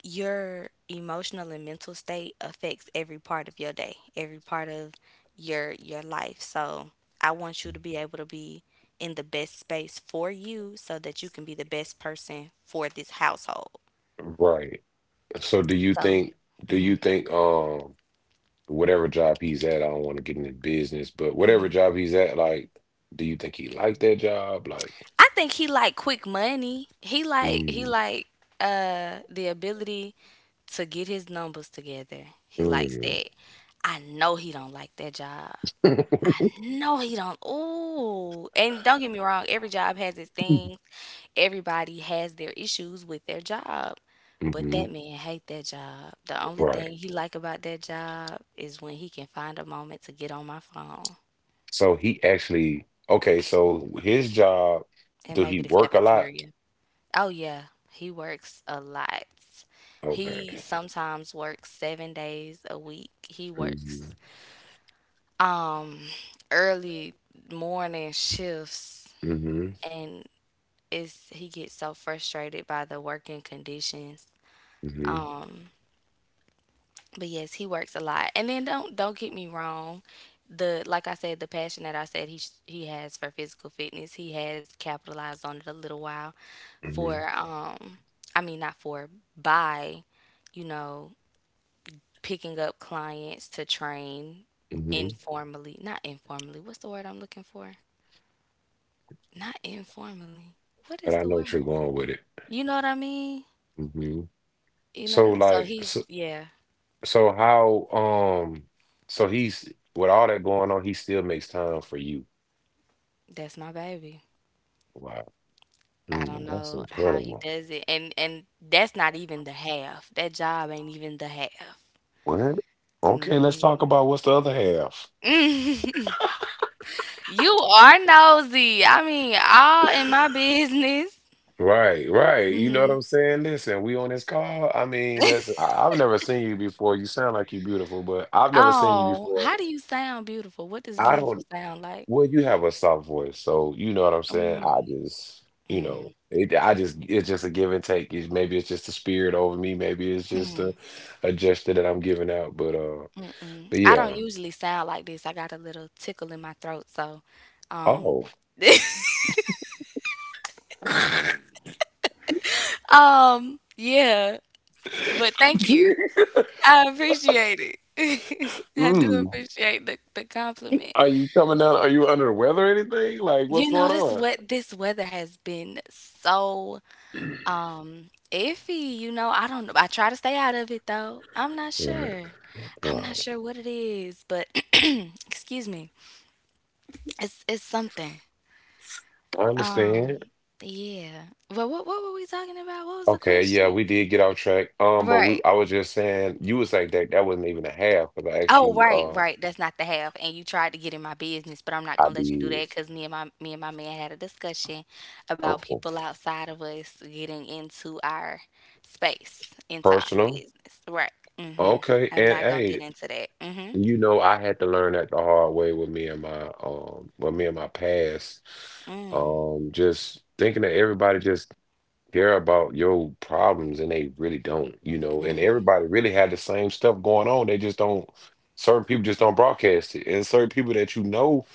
your emotional and mental state affects every part of your day, every part of your your life. So, I want you to be able to be in the best space for you so that you can be the best person for this household.
Right. So do you
So,
think do you think um whatever job he's at, I don't want to get into business, but whatever job he's at, like, do you think he liked that job? Like,
I think he like quick money. He like he
mm,
like uh the ability to get his numbers together. He likes
mm.
that. I know he don't like that job. I know he don't. Ooh, and don't get me wrong. Every job has its things. Everybody has their issues with their job. But
Hmm.
that man hate that job. The only
Right.
thing he like about that job is when he can find a moment to get on my phone
So he actually, okay, so his job,
and
do he
maybe the
work a lot?
cafeteria. Oh yeah, he works a lot. He
Okay.
sometimes works seven days a week. He
Mm-hmm.
works um early morning shifts
Mm-hmm.
and it's he gets so frustrated by the working conditions.
Mm-hmm.
Um but yes, he works a lot. And then don't don't get me wrong, the like I said, the passion that I said he sh- he has for physical fitness, he has capitalized on it a little while
Mm-hmm.
for um I mean not for by, you know, picking up clients to train
Mm-hmm.
informally. Not informally. What's the word I'm looking for? Not informally. What
But
is
I
the
know what you're
word?
going with it.
You know what I mean?
Mm-hmm.
You know what
So
I mean? So
like
he's
so,
yeah,
so how um so he's with all that going on, he still makes time for you.
that's my baby.
Wow.
I don't
Mm, that's
know how he
incredible.
does it. And and that's not even the half. That job ain't even the half.
What? Okay, let's talk
Mhm.
about what's the other half.
You are nosy. I mean, all in my business.
Right, right. You know what
Mhm.
I'm saying? Listen, we on this call. I mean, listen, I, I've never seen you before. You sound like you're beautiful, but I've never seen you
Oh,
before.
how do you sound beautiful? What does
I
beautiful
don't,
sound like?
well, you have a soft voice, so you know what I'm saying? I
Mm,
just, you
mm,
know, it, I just, it's just a give and take. It's, maybe it's just the spirit over me. Maybe it's just a, a gesture that I'm giving out, but, uh,
mm-mm.
but
I don't
yeah.
usually sound like this. I got a little tickle in my throat, so um
Oh.
um yeah, but thank you. I appreciate it. I do
Mm.
appreciate the the compliment.
Are you coming down? Are you under the weather or anything? Like, what's
You know,
going
this
on?
what this weather has been so Um, iffy, you know, I don't know. I try to stay out of it though. I'm not
Right,
sure. I'm not
right.
sure what it is, but excuse me. It's it's something.
I
Um,
understand.
yeah. But what what were we talking about? What was the
Okay, yeah,
question?
we did get off track. Um, but we,
Right.
I was just saying, you was like that. That wasn't even a half, but I asked
Oh,
you.
right,
Uh,
right, that's not the half. And you tried to get in my business, but I'm not
I
gonna let you do
did.
that. Cause me and my me and my man had a discussion
Oh,
about
oh,
people outside of us getting into our space, into our
personal.
business. Right. Mhm.
Okay,
I'm
and
not gonna get
hey,
into that. Mhm.
you know, I had to learn that the hard way with me and my um, with me and my past.
Mm.
Um, just thinking that everybody just care about your problems and they really don't. You know, and everybody really had the same stuff going on. They just don't. Certain people just don't broadcast it, and certain people that you know,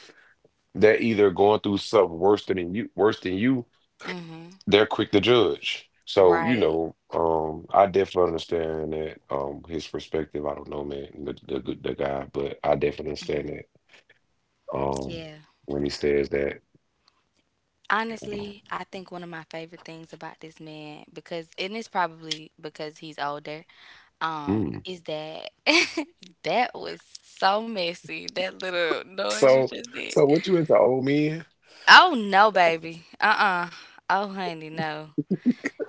they're either going through something worse than you worse than you,
Mhm.
they're quick to judge. So you
Right.
know, um, I definitely understand that, um, his perspective. I don't know man, the the, good- the guy, but I definitely understand that um
Yeah.
when he says that
Honestly, I think one of my favorite things about this man, because and it's probably because he's older, um
mm.
is that that was so messy, that little noise you
So,
just did.
so what you into old men?
Oh no, baby, uh-uh. Oh honey, no.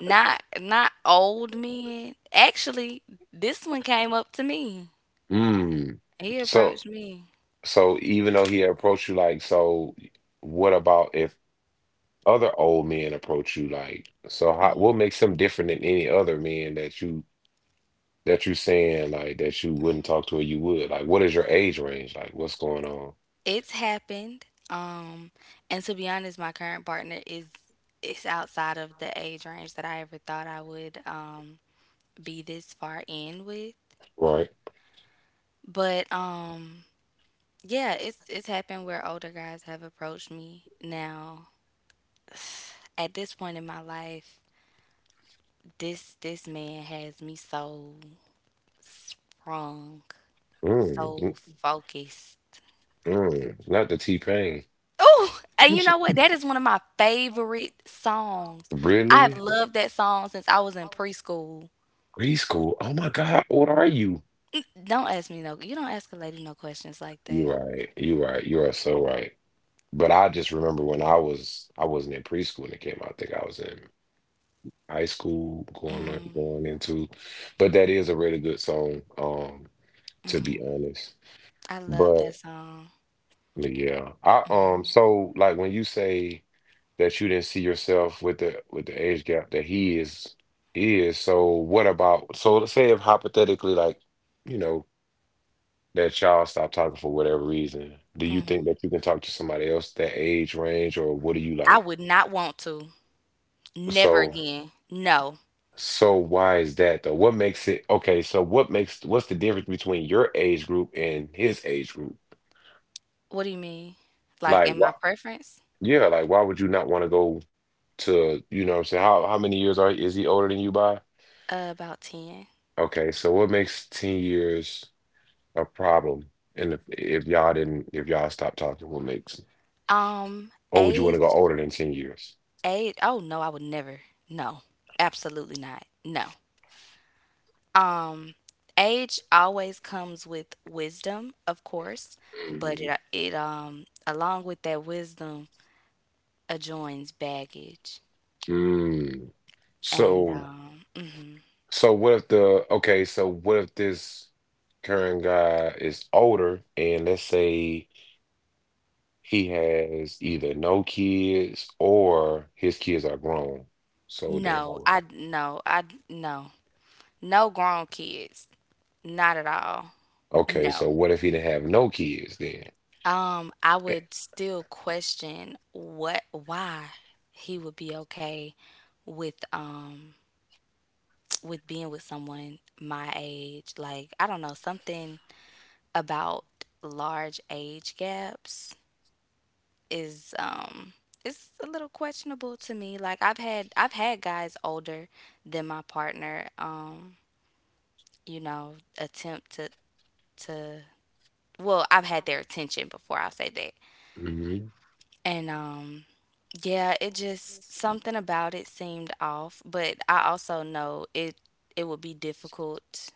Not not old men, actually. This one came up to me.
Hmm.
He approached
So
me.
so even though he approached you, like, so what about if other old men approach you, like, so how, what makes him different than any other men that you that you saying like that you wouldn't talk to or you would? Like, what is your age range? Like, what's going on?
It's happened, um and to be honest, my current partner is is outside of the age range that I ever thought I would, um be this far in with,
Right?
but um yeah, it's it's happened where older guys have approached me. Now, at this point in my life, this this man has me so sprung,
Mm, mm,
so focused.
mm. Not the T-Pain.
Oh, and you know what? That is one of my favorite songs. I have
Really?
loved that song since I was in preschool.
Preschool? Oh my God, what are you?
Don't ask me no. You don't ask a lady no questions like
You
that.
right. You right. You are so right. But I just remember when I was I wasn't in preschool when it came out. I think I was in high school going on, going into. But that is a really good song, um, to be
Mm,
honest.
I love that
But
song.
yeah. I um so like when you say that you didn't see yourself with the with the age gap that he is is. So what about so let's say if hypothetically like, you know, that child stopped talking for whatever reason, do you think
Hmm.
that you can talk to somebody else that age range or what do you
I
like?
would not want to. Never
So
again. No.
so why is that though? What makes it Okay, so what makes what's the difference between your age group and his age group?
What do you mean? Like
Like
in
why
my preference?
Yeah, like why would you not want to go to, you know what I'm saying? How how many years are is he older than you by?
Uh, about ten.
Okay, so what makes ten years a problem? And if, if y'all didn't, if y'all stopped talking, what makes,
Um,
or would you want to go
age,
older than ten years?
age, oh no, I would never. No, absolutely not. No. Um, age always comes with wisdom, of course, but
Mhm.
it, it um along with that wisdom adjoins baggage.
Mm.
And
So,
um, mhm.
so what if the, okay, so what if this current guy is older and let's say he has either no kids or his kids are grown. So then,
no, I no, I no. No grown kids. Not at all.
okay, so
No.
what if he didn't have no kids then?
Um, I would still question what why he would be okay with um with being with someone my age. Like, I don't know, something about large age gaps is um it's a little questionable to me. Like I've had I've had guys older than my partner, um, you know, attempt to to well, I've had their attention before, I'll say that. And um yeah, it just something about it seemed off, but I also know it it would be difficult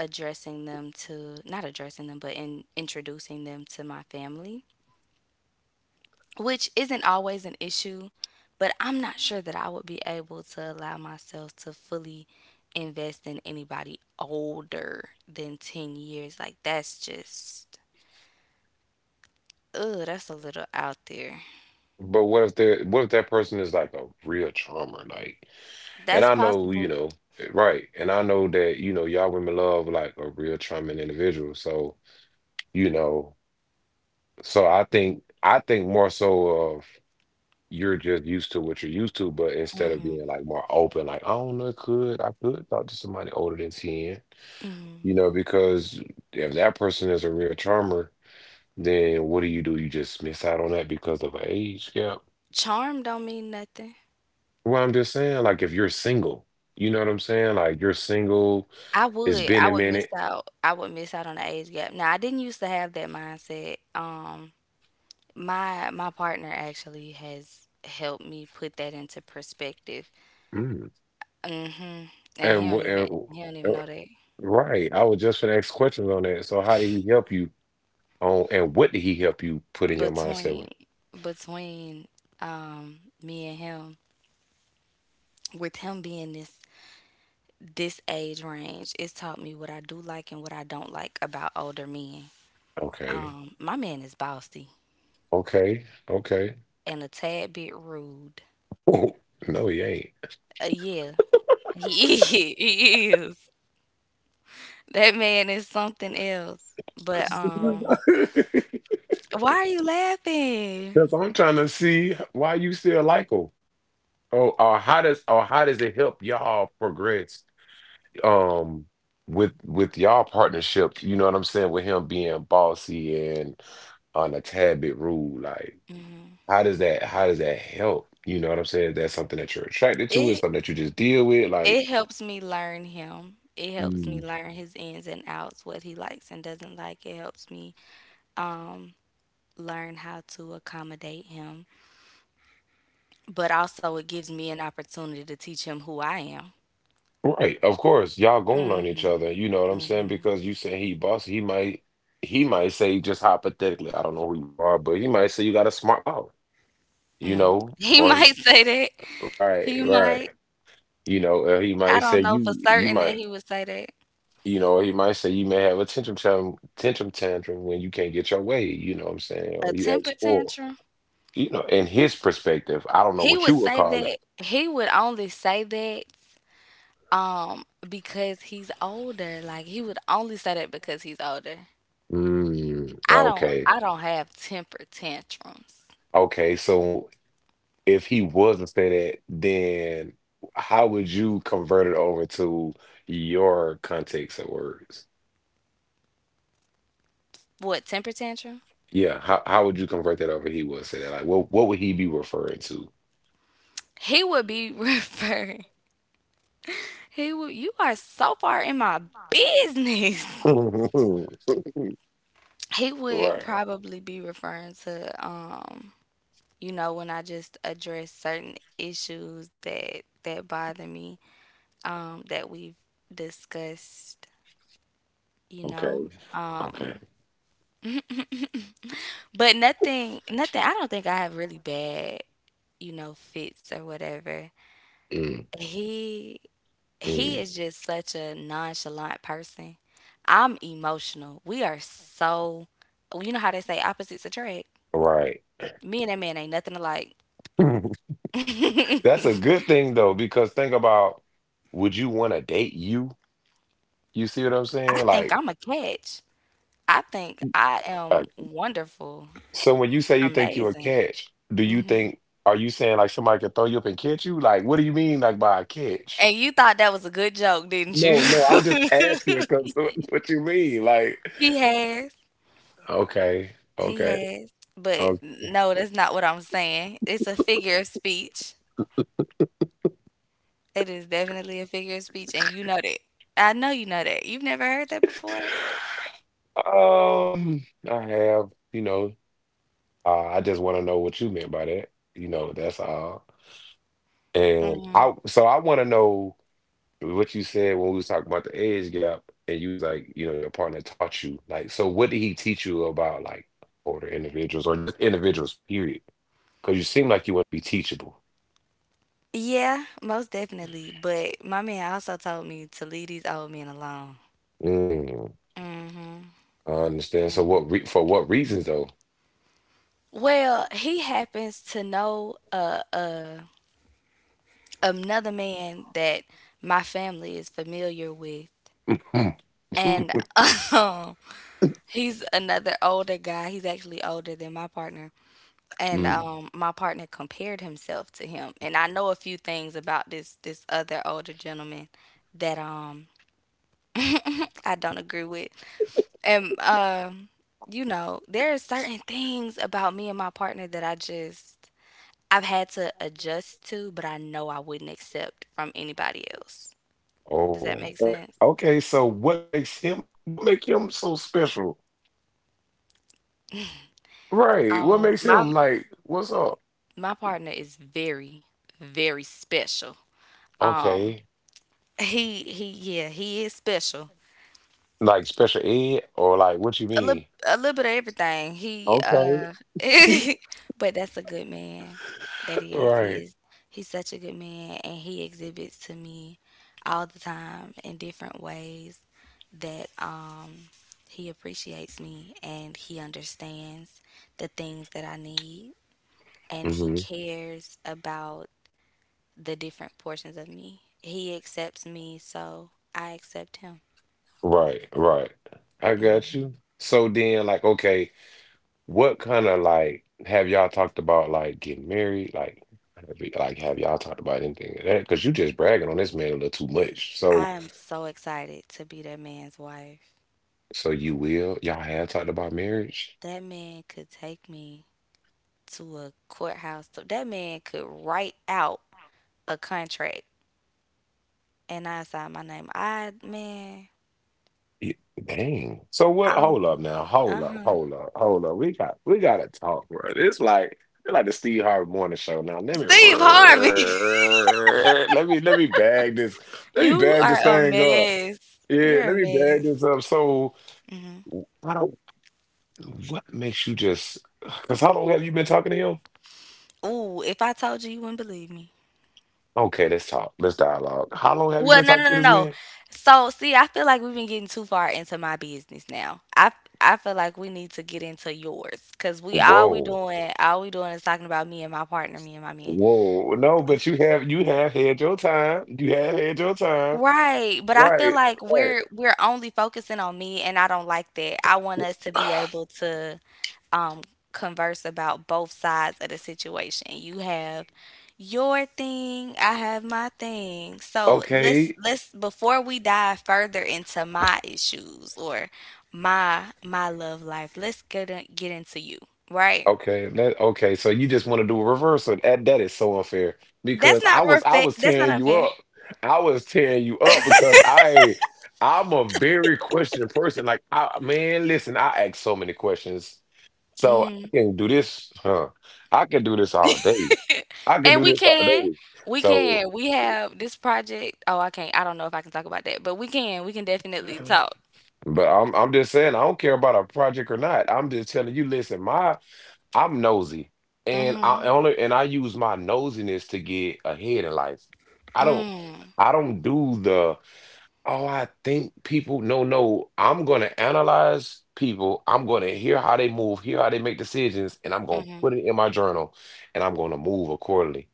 addressing them to not addressing them, but in introducing them to my family, which isn't always an issue, but I'm not sure that I would be able to allow myself to fully invest in anybody older than ten years. Like that's just ugh, that's a little out there.
But what if they what if that person is like a real charmer? Like, and
That's
I know, you
possible.
know, eh, right. And I know that, you know, y'all women love like a real charming individual. So, you know, so I think I think more so of you're just used to what you're used to, but instead of being like more open, like, I don't know, could I could talk to somebody older than ten, you know, because if that person is a real charmer, then what do you do? You just miss out on that because of an age gap.
Charm don't mean nothing.
Well, I'm just saying, like, if you're single, you know what I'm saying? Like, you're single,
I
it's
would.
been
I
a
would miss
minute.
out. I would miss out on the age gap. Now, I didn't used to have that mindset. Um, my my partner actually has helped me put that into perspective.
Mm.
Mm. Mhm. And he
And, wh-
don't
and
even he don't even
uh,
know that.
right, I was just gonna ask questions on that. So, how did he help you on, and what did he help you put in your mindset with?
Between between um me and him, with him being this this age range, it's taught me what I do like and what I don't like about older men.
Okay,
Um, my man is bossy
okay, okay.
and a tad bit rude.
Oh, no, he ain't.
Uh, yeah, he is. He is. That man is something else. But um, why are you laughing?
Because I'm trying to see why you still like him. Oh, or how does or how does it help y'all progress? Um, with with y'all partnership, you know what I'm saying, with him being bossy and on a tad bit rude, like how does that how does that help? You know what I'm saying? Is that something that you're attracted to? Is
It
something that you just deal with?
it
Like
helps me learn him. It helps me
mm,
learn his ins and outs, what he likes and doesn't like. It helps me um learn how to accommodate him. But also it gives me an opportunity to teach him who I am.
right, of course, y'all gonna learn each other, you know what I'm saying? Because you saying he bossy, he might he might say just hypothetically, I don't know who you are, but he might say you got a smart mouth, you
Mm.
know,
He
or
might say that. He
right, right.
might.
You know, uh, he
I
might
don't
say
know for
you you
certain that
might.
he would say that.
You know, he might say you may have a tantrum tantrum, tantrum tantrum when you can't get your way, you know what I'm saying?
A
Or you act
temper
spoiled.
tantrum?
You know, in his perspective, I don't know
He
what you
would
would
say
call it.
that he would only say that um because he's older. Like he would only say that because he's older.
Mm,
I don't
okay.
I don't have temper tantrums.
Okay, so if he wasn't say that, then how would you convert it over to your context of words?
What temper tantrum?
Yeah, how how would you convert that over? He would say that. Like, what what would he be referring to?
He would be referring. He would, you are so far in my business. He would
Right.
probably be referring to um you know when I just address certain issues that that bother me um that we've discussed, you know,
Okay. Okay.
um but nothing, nothing. I don't think I have really bad, you know, fits or whatever.
Mm,
He he
mm.
is just such a nonchalant person. I'm emotional. We are so, you know how they say opposites attract.
Right.
Me and that man ain't nothing alike. I
That's a good thing though, because think about would you want to date you? You see what I'm saying?
think
Like,
I'm a catch. I think I am
like,
wonderful,
so when you say you think you're a
amazing.
catch, do you
Hmm.
think are you saying like somebody could throw you up and catch you? Like, what do you mean like by a catch?
And you thought that was a good joke, didn't you?
No, no, I'm just asking because what you mean? Like,
He has.
okay,
He
okay,
has, but
okay.
no, that's not what I'm saying. It's a figure of speech. It is definitely a figure of speech, and you know that. I know you know that. You've never heard that before?
Um, I have, you know, uh, I just want to know what you meant by that. You know, that's all. And
Mm.
I, so I want to know what you said when we was talking about the age gap, and you was like, you know, your partner taught you. Like, so what did he teach you about like older individuals or just individuals, period? Because you seem like you want to be teachable.
Yeah, most definitely. But my man also told me to leave these old men alone.
Mm,
Hmm.
I understand. So what re for what reasons though?
Well, he happens to know uh, uh, another man that my family is familiar with. And
Mm,
um, he's another older guy. He's actually older than my partner. And
mm, mm.
um, my partner compared himself to him, and I know a few things about this, this other older gentleman that um I don't agree with. And um you know, there are certain things about me and my partner that I just, I've had to adjust to, but I know I wouldn't accept from anybody else. Does that
Oh,
make
eh,
sense?
okay. So what makes him? What make him so special? Right. What
um
makes
my
him like? What's up?
my partner is very, very special. um
Okay.
he he yeah, he is special.
Like special ed or like what you
A little,
mean?
a little bit of everything. He,
Okay.
uh, but that's a good man. That is. He
Right.
is. He's such a good man, and he exhibits to me all the time in different ways that um he appreciates me and he understands the things that I need, and he cares about the different portions of me. He accepts me, so I accept him.
Right, right. I got you. So then, like, okay, what kind of like have y'all talked about like getting married? Like, have y- like have y'all talked about anything of that? Because you just bragging on this man a little too much.
I
So,
am so excited to be that man's wife.
so you will y'all have talked about marriage?
That man could take me to a courthouse. So that man could write out a contract and I signed my name. I, man,
Y- Dang. So what?
I'm,
Hold up now. Hold up.
uh-huh.
Hold up. Hold up. We got we gotta talk, bro. It's like it's like the Steve Harvey Morning Show. Now let me
Steve Harvey,
let me let me bag this let me
you
bag
are
this
a
thing up.
mess.
Yeah,
You're
let
a
me bag
mess.
this up. So,
Hmm.
I don't. What makes you just? Because how long have you been talking to him?
Ooh, if I told you, you wouldn't believe me.
Okay, let's talk. Let's dialogue. How long have you
Well,
been
no,
talking
no,
to
no,
this
no.
man?
So, see, I feel like we've been getting too far into my business now. I I feel like we need to get into yours because we all we
Whoa,
doing, all we doing is talking about me and my partner, me and my man.
whoa. No, but you have you have had your time. You have had your time.
Right, but I feel
Right,
like
right.
we're we're only focusing on me and I don't like that. I want us to be able to um converse about both sides of the situation. You have your thing, I have my thing. So let's
Okay,
let's before we dive further into my issues or my my love life, let's get in, get into you, right?
Okay, that okay. So you just want to do a reversal. That that is so unfair
That's
because I
not
was I
refa-
was
that's not
tearing you
unfair.
up. I was tearing you up because I I'm a very question person. Like I man, listen, I ask so many questions. So I
Mm-hmm.
can do this, huh? I can do this all day. I can
And
do
we
this all
can.
day.
We
So
can. We have this project. Oh, I can't. I don't know if I can talk about that, but we can. We can definitely talk.
but I'm I'm just saying I don't care about a project or not. I'm just telling you, listen, my I'm nosy. And I
Hmm.
only and I use my nosiness to get ahead in life. I don't
Mm.
I don't do the oh I think people no no. I'm gonna analyze people. I'm gonna hear how they move, hear how they make decisions, and I'm gonna put it in my journal and I'm gonna move accordingly.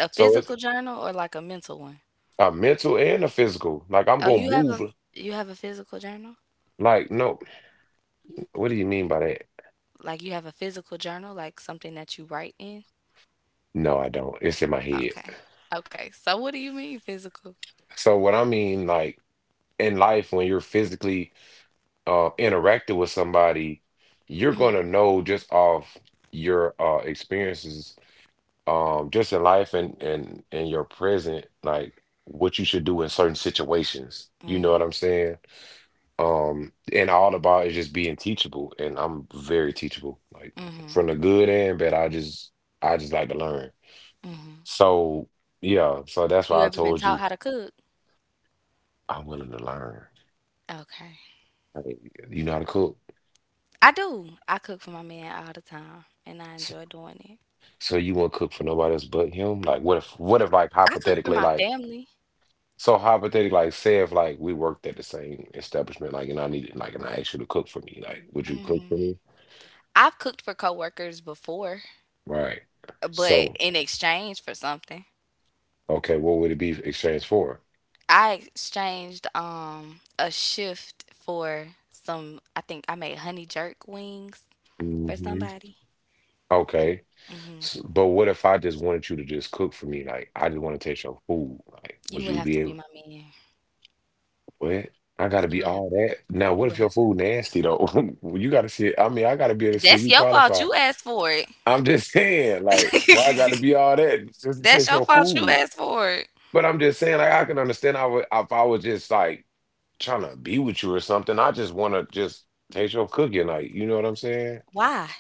A
So it's
physical journal or like a mental one?
a mental and a physical. Like I'm
Oh,
gonna
you have
move
a, you have a physical journal?
like no, what do you mean by that?
Like you have a physical journal, like something that you write in?
No, I don't. It's in my head.
Okay. Okay. So what do you mean physical?
So what I mean, like in life, when you're physically uh, interacting with somebody, you're gonna know just off your uh, experiences, um, just in life and and and your present, like what you should do in certain situations. You know what I'm
Hmm.
saying? Um, and all about is just being teachable, and I'm very teachable, like from
Hmm.
the good and bad. I just I just like to learn. So yeah, so that's
You
why I
ever been
told
taught
you
how to cook?
I'm willing to learn.
Okay.
Like, you know how to cook.
I do. I cook for my man all the time, and I
So,
enjoy doing it.
so you won't cook for nobody else but him? Like, what if, what if, like,
I cook for
hypothetically,
my
like,
family.
so hypothetically, like, say if, like, we worked at the same establishment, like, and I needed, like, and I asked you to cook for me, like, would you cook for me?
I've cooked for coworkers before,
Right.
but
So,
in exchange for something,
okay, what would it be exchanged for?
I exchanged um a shift for some. I think I made honey jerk wings for
Hmm.
somebody.
Okay. S- but what if I just wanted you to just cook for me? Like, I just want to taste your food. Like,
You
would
would
you
have to
be
be
able,
my man.
what? I gotta
You
be
would have.
all that. Now,
You
what if
would
your
have to.
food
Be my
nasty though? You gotta see it. I mean, I gotta be able to
man.
see if
That's
you
your fault.
qualify.
You asked for it.
I'm just saying, like, why I got to be all that just to
That's
taste
your
your
fault. You
food?
asked for it.
But I'm just saying, like, I can understand I would, if I was just like trying to be with you or something. I just want to just taste your cooking, like, you know what I'm saying?
Why?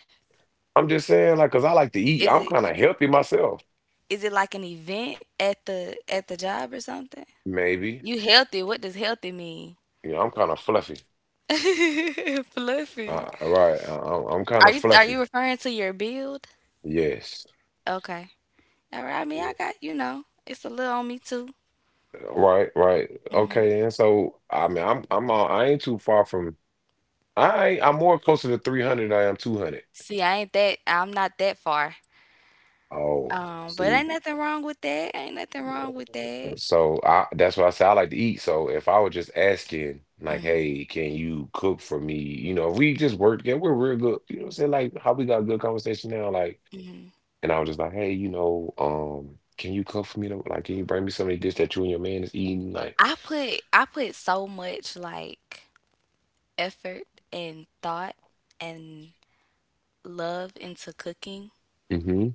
I'm just saying, like, cause I like to eat.
Is
I'm
it?
kind of healthy myself,
Is it like an event at the at the job or something?
maybe.
You healthy. What does healthy mean?
You know, I'm kind of fluffy.
Fluffy.
Uh, right, I, I- I'm kind
Are
of
you are
fluffy.
you referring to your build?
Yes.
Okay. All right. I mean,
Yeah.
I got you know, it's a little on me too.
Right, right. Okay, and so I mean, I'm I'm uh, I ain't too far from I ain't- I'm more closer to three hundred than I am two hundred.
See, I ain't that. I'm not that far.
Oh,
Um, but
see,
ain't nothing wrong with that. Ain't nothing wrong
yeah.
with that.
So I that's why I say I like to eat. So if I were just asking, like, hey, can you cook for me? You know, if we just work, together, we're real good. You know what I'm saying? Like how we got a good conversation now, like, and I was just like, hey, you know, um, can you cook for me though? Like, can you bring me some of the dish that you and your man is eating? Like,
I put I put so much like effort and thought and love into cooking.
mm-hmm.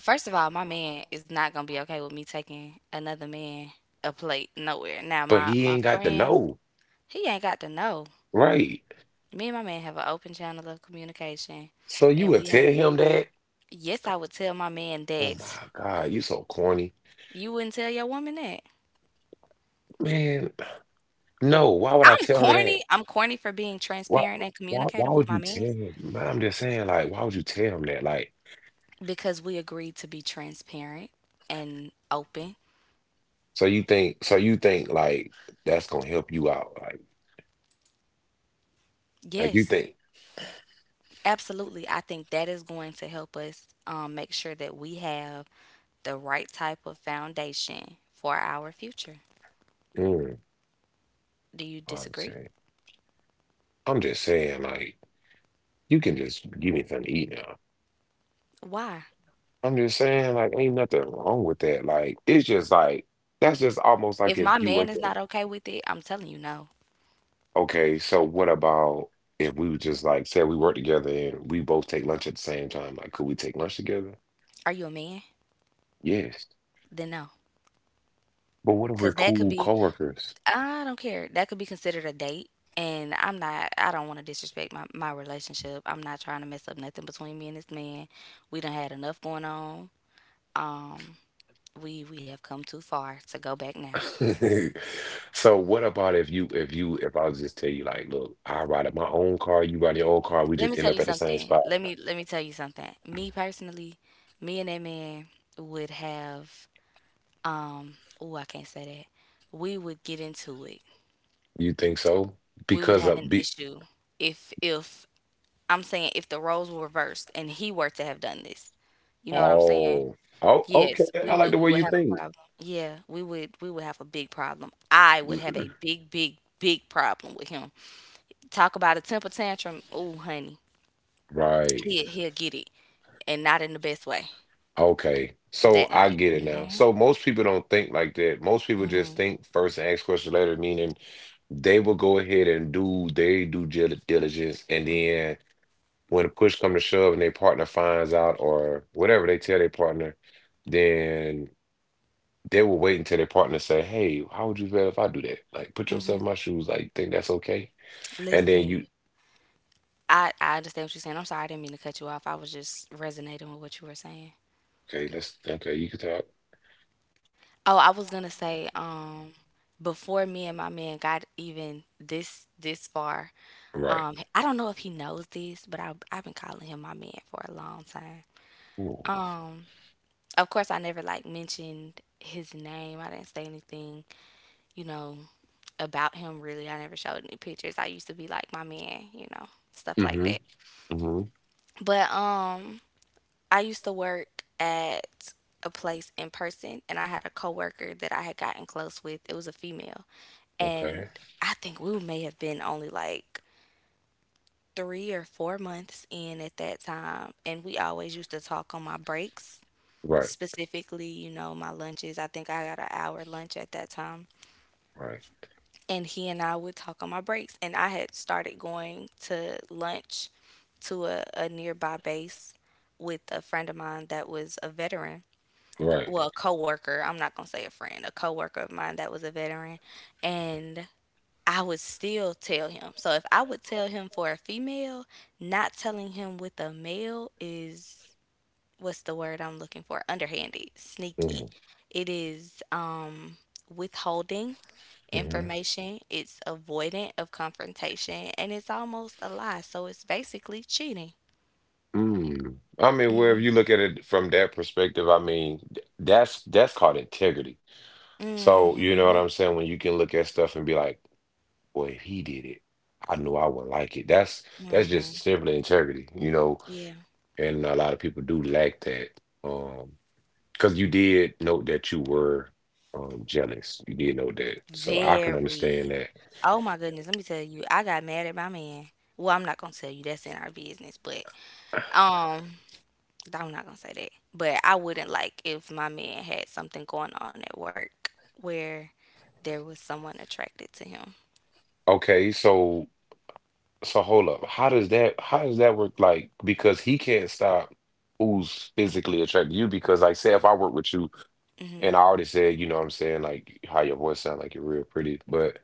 First of all, my man is not gonna be okay with me taking another man a plate nowhere. Now
But
my
he
my
ain't got to
friends,
know,
he ain't got to know.
right?
Me and my man have an open channel of communication,
So you
and
would
we have.
tell him that?
Yes, I would tell my man
Oh
that.
my God, you so corny.
You wouldn't tell your woman that.
Man, no, why would I
I'm
tell her that?
corny. I'm corny for being
Why,
transparent and
why, why
communicative with
would
my
you tell
man
him? Man, I'm just saying, like, why would you tell him that? Like,
because we agreed to be transparent and open.
so you think, so you think, like, that's gonna help you out? Like, like you
Yes,
think?
absolutely. I think that is going to help us um, make sure that we have the right type of foundation for our future.
Mm,
Do you
I'm
disagree?
saying, I'm just saying, like, you can just give me something to eat now.
Why?
I'm just saying, like, ain't nothing wrong with that. Like, it's just like that's just almost
If
like
my
if you
man
were
is
to,
not okay with it, I'm telling you no.
okay, so what about if we would just like say we work together and we both take lunch at the same time? Like, could we take lunch together?
Are you a man?
Yes.
Then no.
But what if
Because
we're
that could
cool
be,
coworkers?
I don't care. That could be considered a date. And I'm not, I don't want to disrespect my, my relationship. I'm not trying to mess up nothing between me and this man. We done had enough going on. Um, we, we have come too far to go back now.
So what about if you if you if I was just tell you like, look, I ride in my own car, you ride in your own car, we
Let me
just
tell
end
you
up at the same
something.
spot.
Let me, let me tell you something. Me personally, me and that man would have, um, oh, I can't say that. We would get into it.
You think so?
We would
Because
have an
of be
issue if, if, I'm saying if the roles were reversed and he were to have done this. You know what I'm saying?
oh oh okay.
Yes, we
I like
would
the
we
way
would
you
have a
think.
problem. Yeah, we would we would have a big problem. I would have
Mhm.
a big, big, big problem with him. Talk about a temper tantrum. Oh, honey,
Right.
he he'll get it, and not in the best way
Okay. So
that
I
night.
get it now.
Mhm,
So most people don't think like that. Most people just
mhm,
think first and ask questions later, meaning they will go ahead and do they do diligence and then when the push come to shove and their partner finds out or whatever they tell their partner, then they will wait until their partner say, "Hey, how would you feel if I do that? Like, put yourself in
mhm.
my shoes. Like, think that's okay?" And then
Listen,
you,
I I understand what you're saying. I'm sorry, I didn't mean to cut you off. I was just resonating with what you were saying.
okay, let's okay, you can talk,
Oh, I was gonna say, um, before me and my man got even this this far.
right?
Um, I don't know if he knows this, but I, I've been calling him my man for a long time.
Ooh.
Um, of course, I never like mentioned his name. I didn't say anything, you know, about him really. I never showed any pictures. I used to be like my man, you know, stuff like
Mm-hmm.
that.
Mm-hmm.
But um, I used to work at a place in person, and I had a coworker that I had gotten close with. It was a female, and
Okay.
I think we may have been only like three or four months in at that time, and we always used to talk on my breaks,
Right.
specifically, you know, my lunches. I think I got an hour lunch at that time,
Right.
and he and I would talk on my breaks. And I had started going to lunch to a, a nearby base with a friend of mine that was a veteran.
Right.
Well, a coworker. I'm not gonna say a friend, a coworker of mine that was a veteran, and I would still tell him. So if I would tell him for a female, not telling him with a male is what's the word I'm looking for? Underhanded,
Mm-hmm.
sneaky. It is um withholding
Mm-hmm.
information, it's avoidant of confrontation, and it's almost a lie. So it's basically cheating.
Mm. I mean, wherever you look at it from that perspective, I mean, th- that's that's called integrity. So you know
Mm-hmm.
what I'm saying? When you can look at stuff and be like, boy, if he did it, I knew I would like it. That's that's just
Mm-hmm.
simply integrity, you know.
Yeah.
And a lot of people do lack that. Um, because you did note that you were um jealous. You did note that. So I can
Very.
understand that.
Oh my goodness, let me tell you, I got mad at my man. Well, I'm not gonna tell you, that's in our business, but um I'm not gonna say that, but I wouldn't like if my man had something going on at work where there was someone attracted to him.
Okay, so so hold up. How does that how does that work like because he can't stop who's physically attracted to you because like say if I work with you
Hmm.
and I already said, you know what I'm saying, like how your voice sound like you're real pretty, but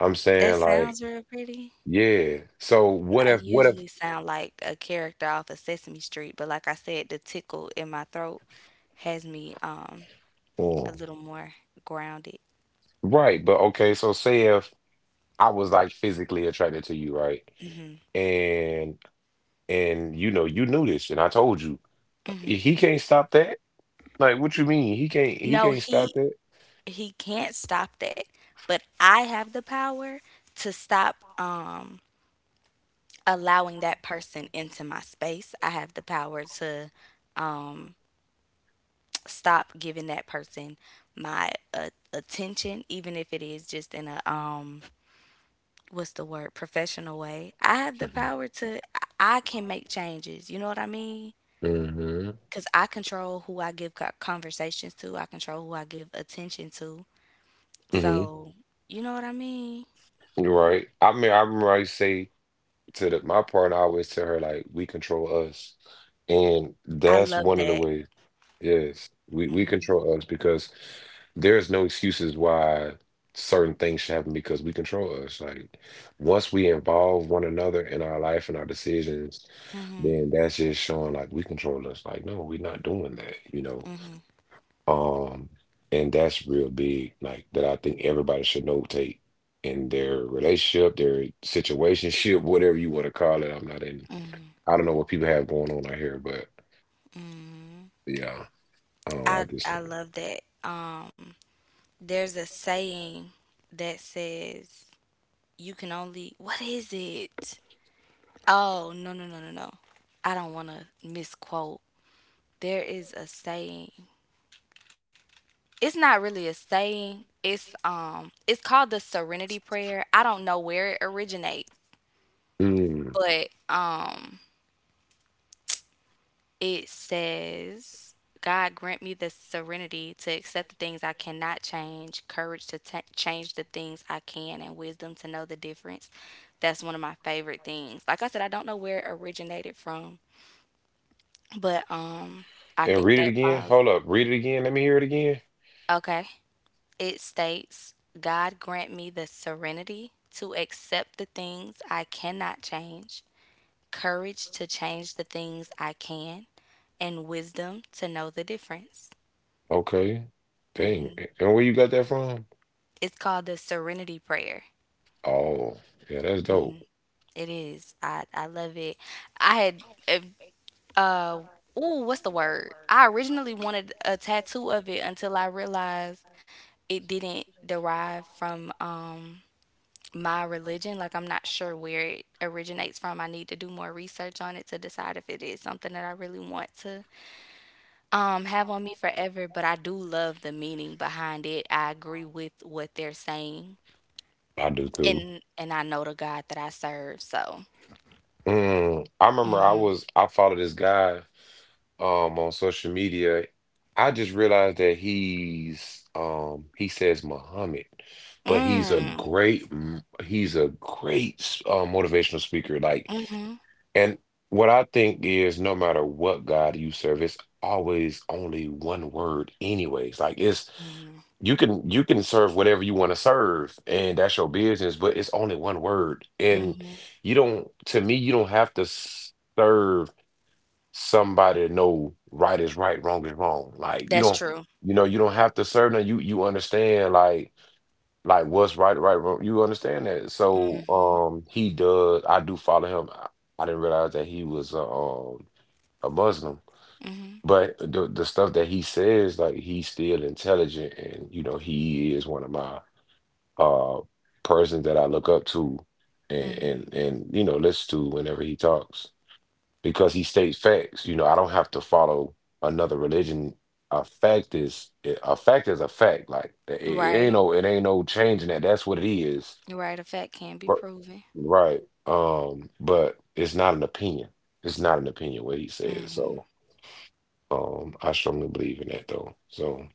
I'm
That
saying
sounds
like
real pretty.
yeah. So
I
what if what
usually
if
sound like a character off of Sesame Street, but like I said, the tickle in my throat has me um a
mm,
little more grounded.
right, but okay, so say if I was like physically attracted to you, right?
Mm-hmm.
And and you know, you knew this and I told you. He can't stop that? Like what you mean? He can't he
No,
can't stop
he
that?
he can't stop that, but I have the power to stop um allowing that person into my space. I have the power to um, stop giving that person my uh, attention even if it is just in a um what's the word professional way. I have the
Mm-hmm.
power to I can make changes, you know what I mean? Because I control who I give co- conversations to, I control who I give attention to.
Hmm.
So you know what I mean?
You're right. I mean I remember I used to say to the, my partner, I always tell her like we control us. And
I
that's
love
one of the
that.
ways. Yes, we we control us because there's no excuses why certain things should happen because we control us. Like once we involve one another in our life and our decisions, then that's just showing like we control us. Like no, we're not doing that, you know.
Hmm.
Um, and that's real big. Like that, I think everybody should notate in their relationship, their situationship, whatever you want to call it. I'm not in. I don't know what people have going on out here, but
Hmm.
yeah, um, I
i
just
i
think.
love that. um there's a saying that says you can only what is it Oh, no, no, no, no, no. I don't want to misquote. There is a saying. It's not really a saying. It's um it's called the serenity prayer. I don't know where it originates,
Mm.
but um it says God grant me the serenity to accept the things I cannot change, courage to ta change the things I can, and wisdom to know the difference. That's one of my favorite things. Like I said, I don't know where it originated from, but um I
And
think
read it
that
again.
falls
Hold up. Read it again. Let me hear it again.
Okay. It states, God grant me the serenity to accept the things I cannot change, courage to change the things I can, and wisdom to know the difference.
Okay. Dang. And where you got that from?
It's called the Serenity Prayer.
Oh, yeah, that's dope.
It is. I, I love it. I had, if, uh, ooh, what's the word? I originally wanted a tattoo of it until I realized it didn't derive from, um, my religion. Like, I'm not sure where it originates from. I need to do more research on it to decide if it is something that I really want to um, have on me forever. But I do love the meaning behind it. I agree with what they're saying,
I do too.
and and I know the God that I serve. So,
Mm, I remember I was I followed this guy um on social media. I just realized that he's um he says Muhammad, but he's a
mm,
great m- he's a great s- uh, motivational speaker. Like,
mm-hmm,
and what I think is, no matter what God you serve, it's always only one word, anyways. Like it's
mm-hmm,
you can you can serve whatever you want to serve, and that's your business. But it's only one word, and
mm-hmm.
you don't. To me, you don't have to s- serve somebody to know right is right, wrong is wrong. Like you
That's
don't,
true.
you know, you don't have to serve them. You you understand, like like what's right, right, wrong. You understand that? So um he does I do follow him. I, I didn't realize that he was a, um a Muslim.
Mm-hmm.
But the the stuff that he says, like he's still intelligent and you know, he is one of my uh persons that I look up to and and, and you know, listen to whenever he talks. Because he states facts. You know, I don't have to follow another religion. A fact is a fact is a fact. Like it, it
Right,
ain't no it ain't no changing that. That's what it is.
right. A fact can be
Right,
proven.
right. Um, but it's not an opinion. It's not an opinion what he says. So um I strongly believe in that though. So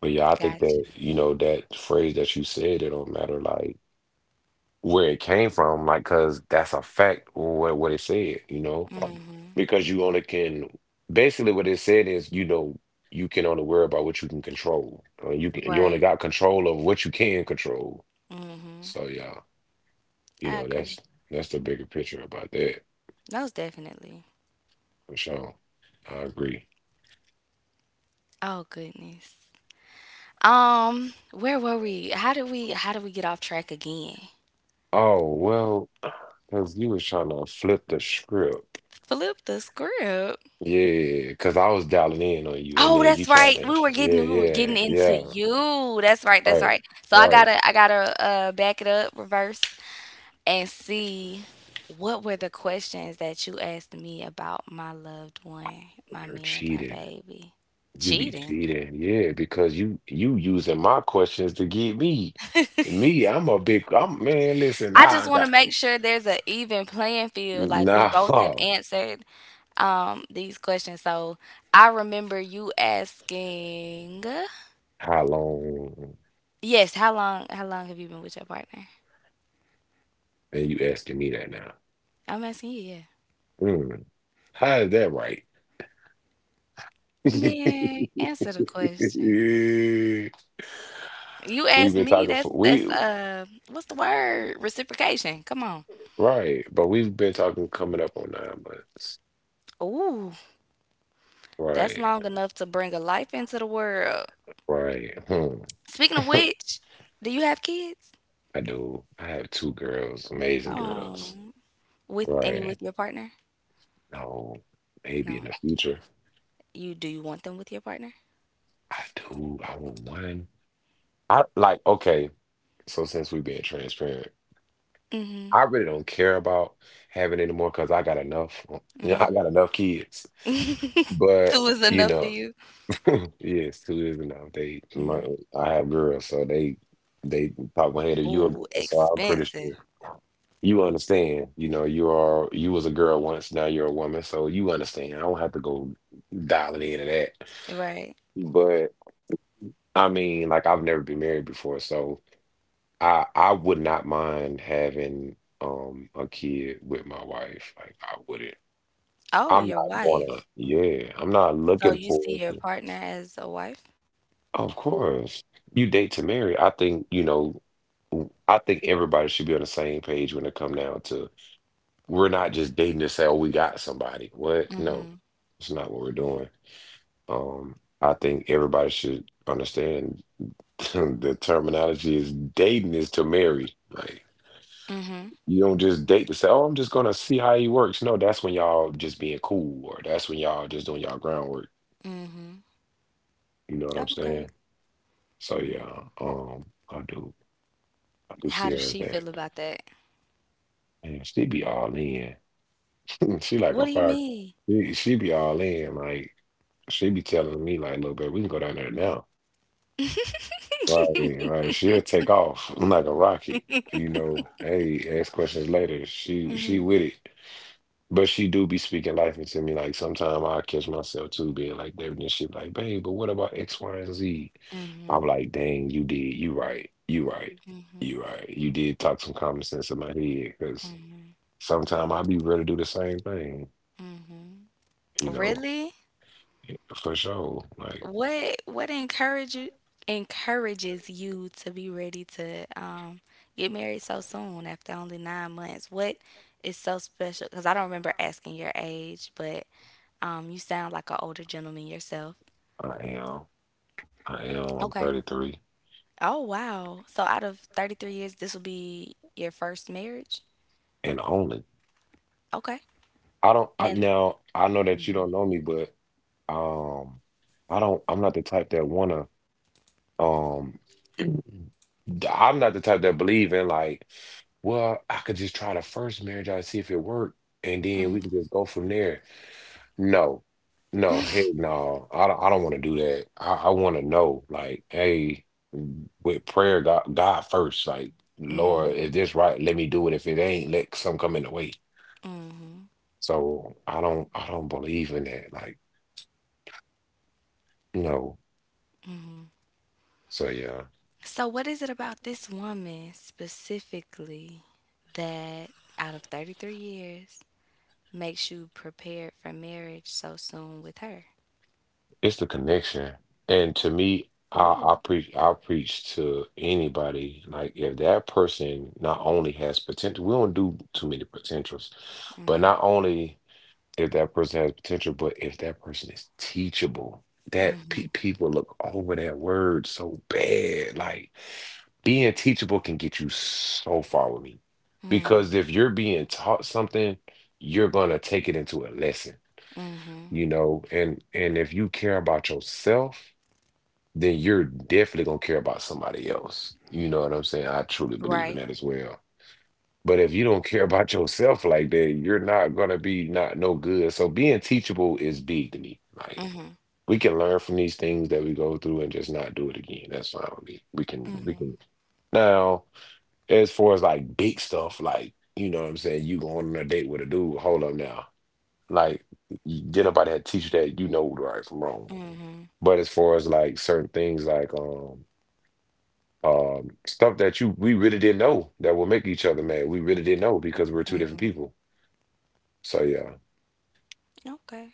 but yeah, I think
Gotcha.
that, you know, that phrase that you said, it don't matter like where it came from, like cause that's a fact what what it said, you know?
Mm,
Because you only can, basically what it said is, you know, you can only worry about what you can control. Uh, you can you only
right.
got control of what you can control.
Mm-hmm.
So yeah, you
I
know, that's
agree.
that's the bigger picture about that.
Most definitely.
For sure. I agree.
Oh goodness. Um, where were we? How did we how did we get off track again?
Oh, well, because you was trying to flip the script.
Flip the script.
Yeah, because I was dialing in on you and
Oh,
then you
that's
tried
right.
to.
We were
Yeah,
getting we were getting
yeah,
into
yeah.
you. That's right. That's right.
Right,
So I
right.
gotta I gotta uh back it up, reverse, and see what were the questions that you asked me about my loved one, my
You're
man, my
cheating.
baby.
You be
Cheating.
cheating. Yeah, because you you using my questions to get me. Me, I'm a big I'm man, listen,
I just
I
want to
got
make sure there's an even playing field. Like we both have
nah.
answered um these questions. So I remember you asking
How long?
Yes, how long how long have you been with your partner?
And you asking me that now.
I'm asking you, yeah.
Mm, how is that right?
Man, answer the question. You
We've
asked
been
me,
talking for
that's
we
that's uh what's the word? Reciprocation. Come on.
right, but we've been talking coming up on nine months.
Ooh, that's
Right,
long enough to bring a life into the world.
right. Hmm.
Speaking of which, do you have kids?
I do. I have two girls, amazing girls.
Oh, with any
Right.
with your partner?
No, maybe in the
No.
future.
You do you want them with your partner?
I do. I want one. I like, okay, so since we being transparent, I really don't care about having any more because I got enough. You know, I got enough kids. But,
Two is
you
enough for
know,
you.
yes, two is enough. They, my, I have girls, so they, they pop my head. If you a
Ooh,
girl, so I'm pretty
expensive.
sure you understand. You know, you are you was a girl once, now you're a woman, so you understand. I don't have to go dialing into that.
Right.
But I mean, like I've never been married before, so I I would not mind having um a kid with my wife. Like I wouldn't.
Oh,
I'm
your
not gonna.
wife.
Yeah, I'm not
So
looking
you
for.
see your partner as a wife?
Of course you date to marry, I think, you know, w- I think everybody should be on the same page when it come down to, we're not just dating to say, oh, we got somebody. What? No,
Mhm.
it's not what we're doing. Um, I think everybody should understand the terminology is dating is to marry. Like
Mhm.
you don't just date to say, oh, I'm just gonna see how he works. No, that's when y'all just being cool, or that's when y'all just doing y'all groundwork.
Mhm.
You know what I'm
Okay.
saying? So yeah, um, I do, I do
How
see
does
her as
she feel
that,
about that?
and she be all in. She like
What do
a
you
fire.
mean?
She, she be all in. Like she be telling me, like, look, babe, we can go down there now. Right, right. She'll take off like a rocket. You know, hey, ask questions later. She she with it. But she do be speaking life into me. Like sometimes I catch myself too being like that. And she be like, babe, but what about X, Y, and Z?" i I'm like, dang, you did. You right. You right. You right. You did talk some common sense in my head. Cause sometimes I be ready to do the same thing, you know.
Really?
Yeah, for sure. Like
What what encourage you encourages you to be ready to um get married so soon after only nine months? What is so special? Because I don't remember asking your age, but um you sound like an older gentleman yourself.
I am. I am.
Okay.
I'm thirty-three
Oh, wow. So out of thirty-three years, this will be your first marriage?
and only.
Okay.
I don't I
And
now I know that you don't know me, but um I don't I'm not the type that wanna um I'm not the type that believe in like, well, I could just try the first marriage I see if it worked and then we can just go from there. No, no, heck no. I don't, I don't want to do that. I, I want to know, like, hey, with prayer, God, God first. Like, Lord, is this right? Let me do it. If it ain't, let some come in the way. So I don't, I don't believe in that. Like, no. So yeah,
so what is it about this woman specifically that out of thirty-three years makes you prepared for marriage so soon with her?
it's the connection. And to me, I,
Ooh.
I preach, I preach to anybody. Like, if that person not only has potential, we don't do too many potentials, but not only, if that person has potential, but if that person is teachable, that pe people look over that word so bad. Like being teachable can get you so far with me, because if you're being taught something, you're gonna take it into a lesson,
Mm,
you know. And and if you care about yourself, then you're definitely gonna care about somebody else. You know what I'm saying? I truly believe
right.
in that as well. But if you don't care about yourself like that, you're not gonna be not no good. So being teachable is big to me. Like
Mhm.
we can learn from these things that we go through and just not do it again. That's fine with me. We can we
Mhm.
can now as far as like big stuff, like you know what I'm saying, you go on a date with a dude, hold up now. Like y- get up out of that teacher that you know right from wrong.
Mhm.
But as far as like certain things like um um stuff that you we really didn't know that will make each other mad. We really didn't know because we're two different
Mhm.
people. So yeah,
Okay.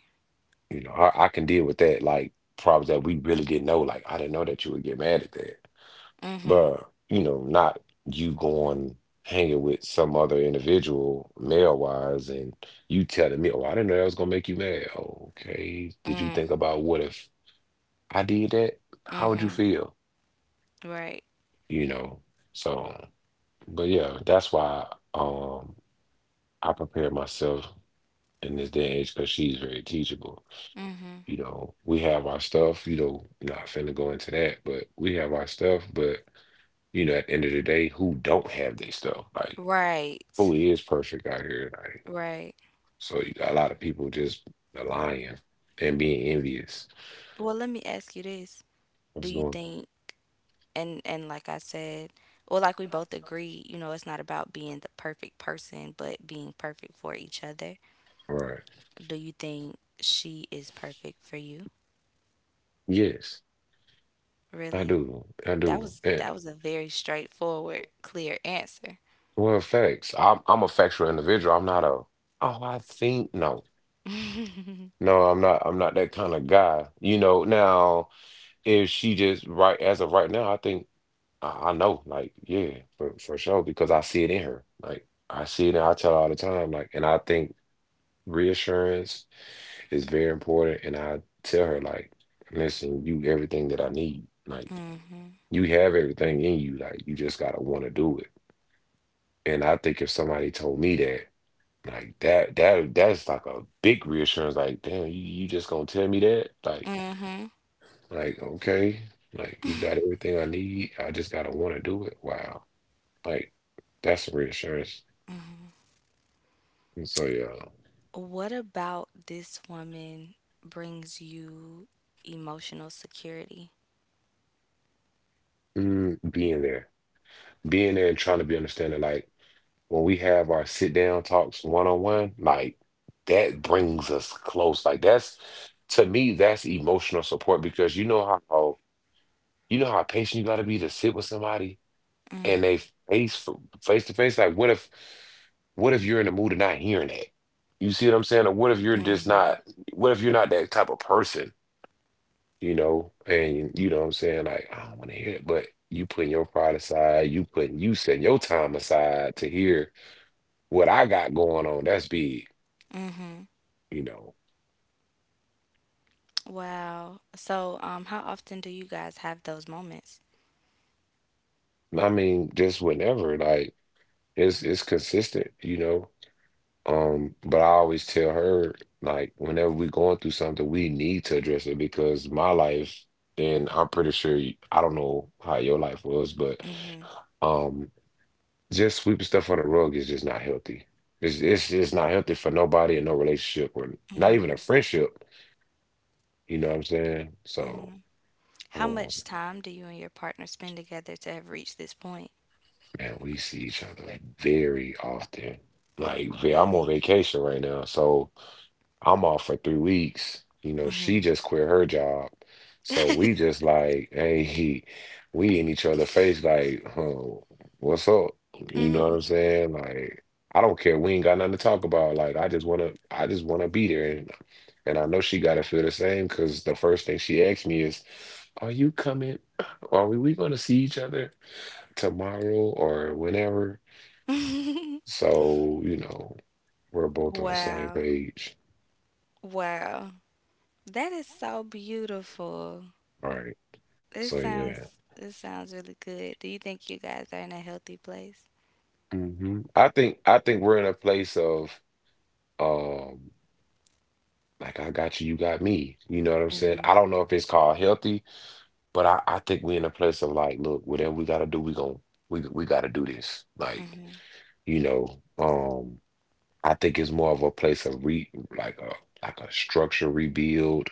you know, I, I can deal with that. Like problems that we really didn't know. Like I didn't know that you would get mad at that.
Mhm.
But you know, not you going hanging with some other individual, male wise, and you telling me, "Oh, I didn't know that was gonna make you mad." Oh, okay, did you
Mm.
think about what if I did that? How would you
Mhm.
feel?
Right.
You know. So, but yeah, that's why um I prepare myself in this day and age because she's very teachable. You know, we have our stuff, you know, not finna go into that, but we have our stuff. But, you know, at the end of the day, who don't have their stuff? Like,
Right.
who is perfect out here? Like,
Right.
so you got a lot of people just lying and being envious.
Well, let me ask you this. Do
What's
you
going
think and and like I said, well, like we both agreed, you know, it's not about being the perfect person, but being perfect for each other.
right.
Do you think she is perfect for you?
Yes, I
Really?
do. I
That was
do.
that
And,
was a very straightforward, clear answer.
well, facts. I'm, I'm a factual individual. I'm not a, oh, I think, no. No, I'm not. I'm not that kind of guy. You know, now if she just right as of right now, I think. I, I know, like, yeah, for for sure, because I see it in her. Like, I see it, and I tell her all the time, like, and I think reassurance is very important. And I tell her, like, listen, you everything that I need. Like,
Mhm.
you have everything in you. Like, you just gotta want to do it. And I think if somebody told me that, like that, that that's like a big reassurance. Like, damn, you, you just gonna tell me that? Like,
Mhm.
like okay, like you got everything I need. I just gotta want to do it. Wow. Like that's the reassurance. And so yeah,
What about this woman brings you emotional security?
mm, being there, being there, and trying to be understanding. Like when we have our sit down talks one on one, like that brings us close. Like that's to me, that's emotional support because you know how you know how patient you got to be to sit with somebody
Mm.
and they face face to face. Like what if what if you're in the mood of not hearing that? You see what I'm saying? Or what if you're just not? What if you're not that type of person? you know, and you know what I'm saying? Like, I don't want to hear it, but you putting your pride aside, you putting you setting your time aside to hear what I got going on. That's big,
Mhm.
you know.
Wow. So, um how often do you guys have those moments?
I mean, just whenever, like it's it's consistent, you know. Um, but I always tell her, like, whenever we going through something, we need to address it because my life, and I'm pretty sure you- I don't know how your life was, but um just sweeping stuff on the rug is just not healthy. It's it's just not healthy for nobody in no relationship or not even a friendship. You know what I'm saying? So,
How
um,
much time do you and your partner spend together to have reached this point?
man, we see each other very often. Like, ve- I'm on
Really?
vacation right now, so I'm off for three weeks. You know, she just quit her job. So we just like, hey, we in each other face, like, oh, what's up? You know what
Mhm.
I'm saying? Like, I don't care. We ain't got nothing to talk about. Like, I just wanna, I just wanna be there. And and I know she gotta feel the same because the first thing she asked me is, are you coming? Are we, we gonna see each other tomorrow or whenever? So, you know, we're both on the same
Wow.
page.
Wow. That is so beautiful.
All right.
This
So yeah.
sounds this sounds really good. Do you think you guys are in a healthy place?
Hmm, I think I think we're in a place of um like I got you, you got me. You know what I'm saying? I
Mhm.
don't know if it's called healthy, but I, I think we're in a place of like, look, whatever we gotta do, we gonna we we gotta do this. Like,
Mhm.
you know, um, I think it's more of a place of re like a like a structure rebuild,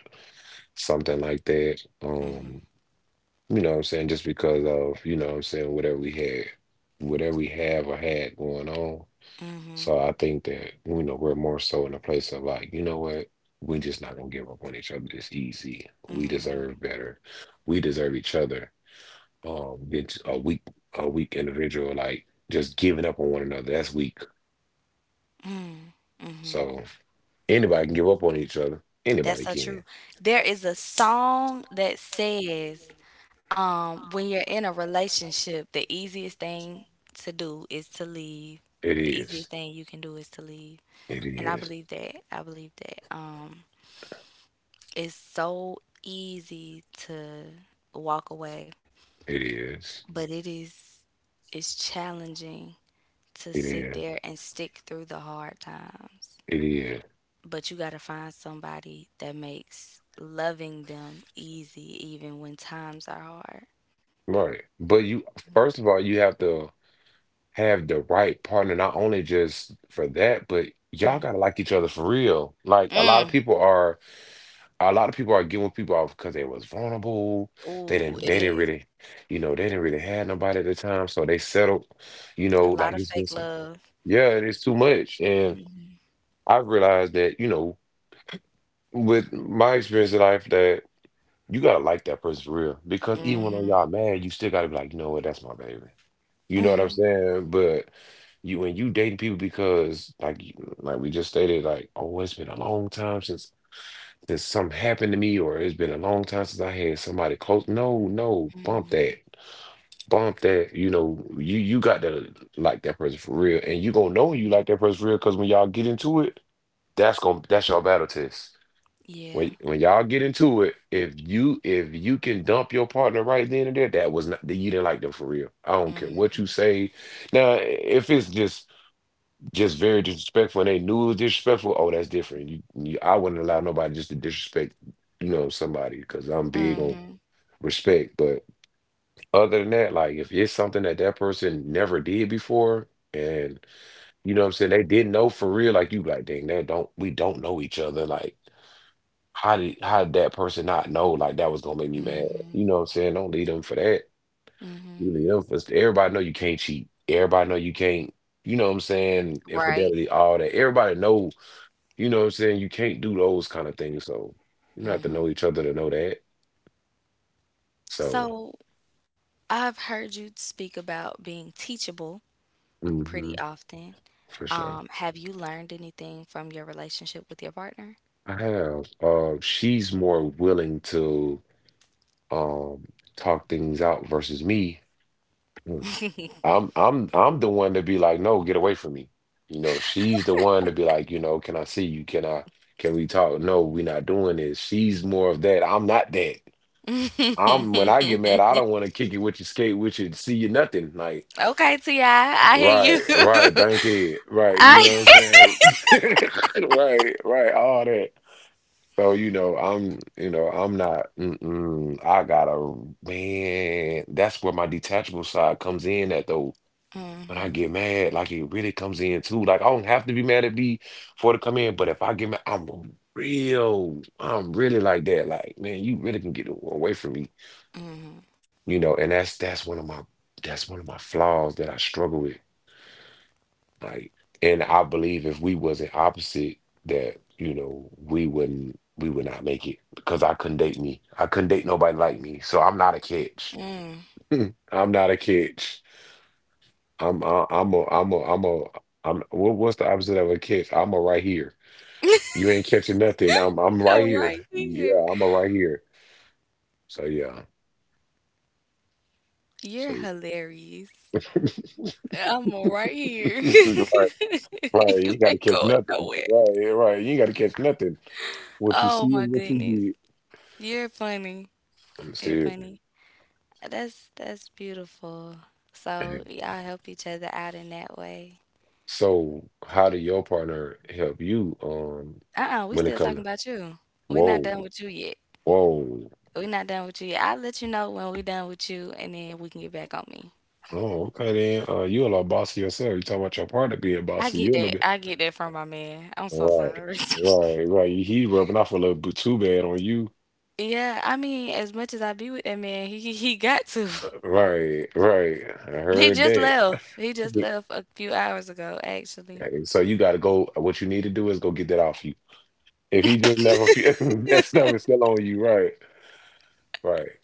something like that. Um,
Mhm.
you know what I'm saying? Just because of, you know what I'm saying, whatever we had, whatever we have or had going on. So
Mhm.
I think that, you know, we're more so in a place of like, you know what? We're just not gonna give up on each other this easy. We deserve better. We deserve each other. Um, it's a weak, a weak individual like just giving up on one another. That's weak.
Mhm.
So anybody can give up on each other. Anybody
That's so
can.
true. There is a song that says, um, when you're in a relationship, the easiest thing to do is to leave.
It
The
is.
easiest thing you can do is to leave.
It
And I
is.
believe that. I believe that. Um, it's so easy to walk away,
It is.
but it is it's challenging to
It
sit
is.
there and stick through the hard times.
It is.
But you got to find somebody that makes loving them easy, even when times are hard.
Right. But you, first of all, you have to have the right partner, not only just for that, but y'all gotta like each other for real. Like a lot of
Mm.
people are, a lot of people are giving people off because they was vulnerable. They didn't,
Ooh,
they
it
didn't
is
really, you know, they didn't really have nobody at the time, so they settled. You
a
know,
lot
like
of
it's been
fake
some,
love.
yeah, it is too much. And I've realized that, you know, with my experience in life, that you gotta like that person for real because even when
Mhm.
y'all mad, you still gotta be like, you know what, that's my baby. You know what I'm
Mhm.
saying? But you when you dating people because like you- like we just stated, like, oh, it's been a long time since since something happened to me, or it's been a long time since I had somebody close. No, no, bump that. Bump that. You know, you you got to like that person for real. And you gonna know you like that person for real because when y'all get into it, that's gonna that's your battle test.
Yeah.
When when y'all get into it, if you if you can dump your partner right then and there, that was not that you didn't like them for real. I don't care what
Mhm.
you say. Now, if it's just just very disrespectful and they knew it was disrespectful, oh, that's different. You, you I wouldn't allow nobody just to disrespect, you know, somebody because I'm big on
Mhm.
respect. But other than that, like if it's something that that person never did before, and you know what I'm saying, they didn't know for real, like you, like dang, they don't we don't know each other, like. How did how did that person not know like that was gonna make me mad? You
Mhm.
know what I'm saying? Don't leave them for that. You
Mhm.
leave them for everybody know you can't cheat. Everybody know you can't, you know what I'm saying,
Right.
infidelity, all that. Everybody know, you know what I'm saying, you can't do those kind of things. So you don't have to know
Mhm.
each other to know that. So
So I've heard you speak about being teachable
hmm,
pretty often.
for sure.
Um, have you learned anything from your relationship with your partner?
I have, uh, she's more willing to um talk things out versus me. I'm I'm I'm the one to be like, no, get away from me. You know, she's the one to be like, you know, can I see you? Can I can we talk? No, we're not doing this. She's more of that. I'm not that. I'm when I
Okay,
get mad, I don't want to kick it with you, skate with you, see you nothing. Like,
Ti, I I hear
right, right,
you.
bankhead, right, you
I.
know what I'm saying? Right, right, all that. So, you know, I'm, you know, I'm not, mm-mm, I gotta, man, that's where my detachable side comes in at though when I
Hmm.
get mad, like it really comes in too. Like I don't have to be mad at B for it to come in, but if I get mad, I'm real. I'm really like that. Like man, you really can get away from me,
Hmm.
you know. And that's that's one of my that's one of my flaws that I struggle with. Like, and I believe if we wasn't opposite, that you know we wouldn't we would not make it because I couldn't date me. I couldn't date nobody like me, so I'm not a catch.
Mm.
I'm not a catch. I'm I- I'm a I'm a I'm a I'm what, what's the opposite of a catch? I'm a right here. You ain't catching nothing. I'm I'm
I'm
right here.
right here.
Yeah, I'm a right here. So yeah.
You're
So
hilarious.
yeah.
I'm right here.
right, right. You
You
ain't gotta
ain't
catch
going
nothing.
nowhere.
Right, eh, right. You ain't gotta catch nothing. What you
Oh
see
my
is what
goodness,
you
you're funny.
get.
You're
Seriously.
funny. That's that's beautiful. So y'all help each other out in that way.
So how did your partner help you um
Uh-uh, we
when it
still
comes
talking
to
about you. We're not
whoa,
done with you yet.
whoa.
We're not done with you yet. I'll let you know when we're done with you and then we can get back on me.
Oh, okay then. Uh, you a lot bossy yourself. You talking about your partner being
I
bossy.
get
You a little
that.
bit.
I get that from my man. I'm so
Right,
sorry.
right, right. He rubbing off a little bit too bad on you.
Yeah, I mean, as much as I be with that man, he he he got to.
Right, right. I
He
heard
just
that.
left. He just
Hey,
left a few hours ago, actually.
hey, so you got to go. What you need to do is go get that off you. If he just left a few, that stuff is still on you. Right, right,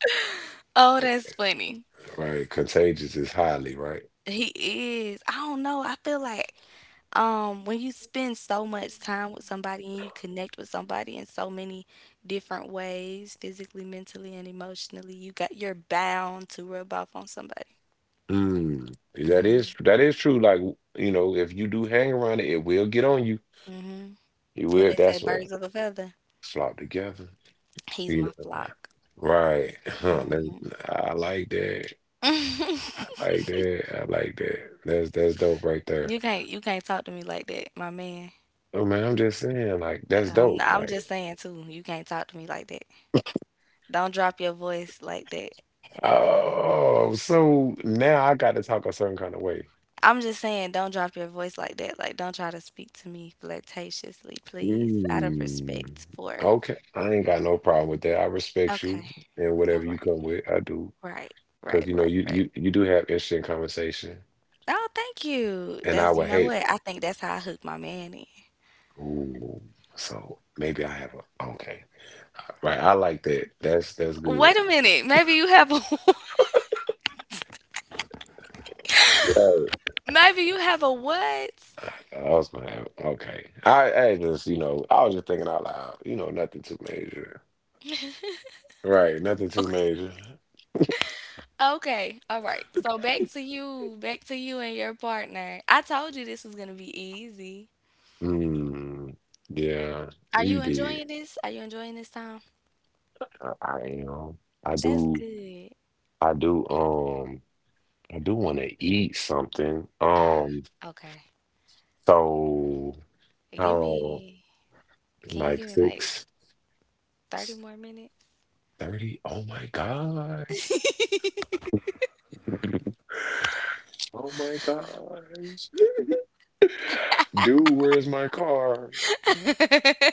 Oh, that's funny.
right. Contagious is highly right.
He is. I don't know. I feel like. Um, when you spend so much time with somebody and you connect with somebody in so many different ways, physically, mentally, and emotionally, you got you're bound to rub off on somebody.
Mm, that is that is true. Like you know, if you do hang around it, it will get on you.
Hmm.
It
What
will.
they say,
That's what
birds of a feather.
flop together.
He's
You
my
know,
flock.
right? Huh, that, I like that. I like that. I like that. That's that's dope right there.
You can't you can't talk to me like that, my man.
Oh man, I'm just saying, like, that's
I'm
dope.
I'm
Like,
just saying too, you can't talk to me like that. Don't drop your voice like that.
oh, so now I got to talk a certain kind of way.
I'm just saying don't drop your voice like that. Like don't try to speak to me flirtatiously, please. Out of
Mm,
respect for.
okay. I ain't got no problem with that. I respect you
Okay.
and
All
whatever you
right,
come with, I do.
right, right,
Because you know,
right,
you
right.
you you do have interesting conversation.
Oh, thank you.
And I
That's, you
would
know
hate.
what? I think that's how I hooked my man in.
Ooh, so maybe I have a okay. Right. I like that. That's that's good.
Wait a minute. Maybe you have a. Maybe you have a what?
I was gonna my okay. I I just you know I was just thinking out loud. You know, nothing too major, right? Nothing too
Okay.
major.
Okay. All right. So back to you. Back to you and your partner. I told you this was gonna be easy.
Hmm. Yeah,
Are
you
you
did.
enjoying this? Are you enjoying this time?
I, I am. I
That's
do.
good.
I do. Um. I do want to eat something.
Ah,
Um.
okay.
So
Give
how
me, can you
like
give me like
six
thirty more minutes?
thirty? Oh my gosh. Oh my gosh. Dude, where's my car?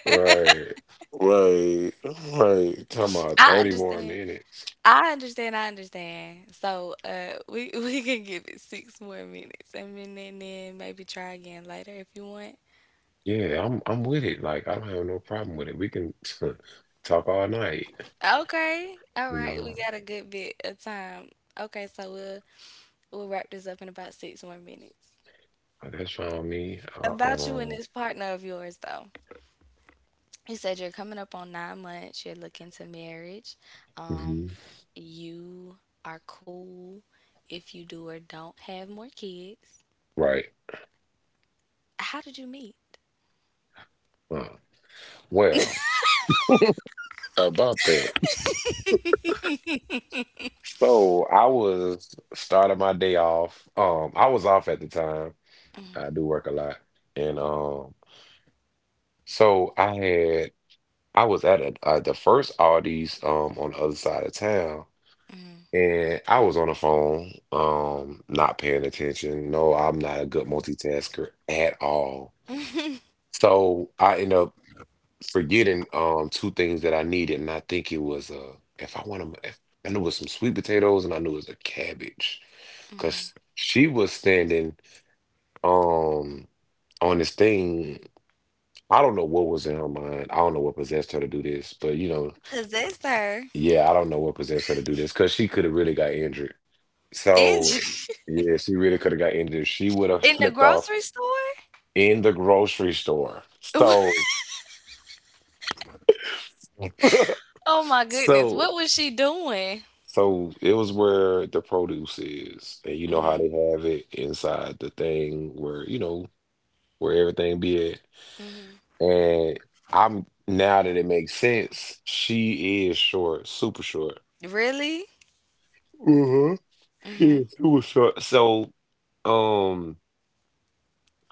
Right, right, right. Talking about
I
thirty more
understand.
minutes.
I understand, I understand. So uh we we can give it six more minutes and then and then maybe try again later if you want.
Yeah, I'm I'm with it. Like I don't have no problem with it. We can talk all night.
Okay. All
You
right, we
know,
got a good bit of time. Okay, so we'll we'll wrap this up in about six more minutes.
that's fine with me. Uh,
About you and
um,
this partner of yours though. You said you're coming up on nine months, you're looking to marriage.
mhm.
Um, you are cool if you do or don't have more kids.
Right.
How did you meet?
Uh, well, about that. So I was starting my day off. Um, I was off at the time. I do work a lot, and um, so I had I was at a, uh, the first Aldi's um on the other side of town. And I was on the phone, um, not paying attention. No, I'm not a good multitasker at all. So I end up forgetting um two things that I needed, and I think it was uh if I want to, if, I knew it was some sweet potatoes, and I knew it was a cabbage, because she was standing um on this thing. I don't know what was in her mind. I don't know what possessed her to do this, but you know,
Possessed her.
yeah, I don't know what possessed her to do this because she could have really got injured.
In
So yeah, she really could have got injured. She would have
in the
slipped
grocery
off
store?
in the grocery store. So
Oh my goodness, what
so
was she doing?
so it was where the produce is. And you know how
Mhm,
they have it inside the thing where, you know, where everything be at.
mhm.
And I'm now that it makes sense, she is short, super short.
Really?
Uh-huh. Yeah,
Mhm,
super short. So um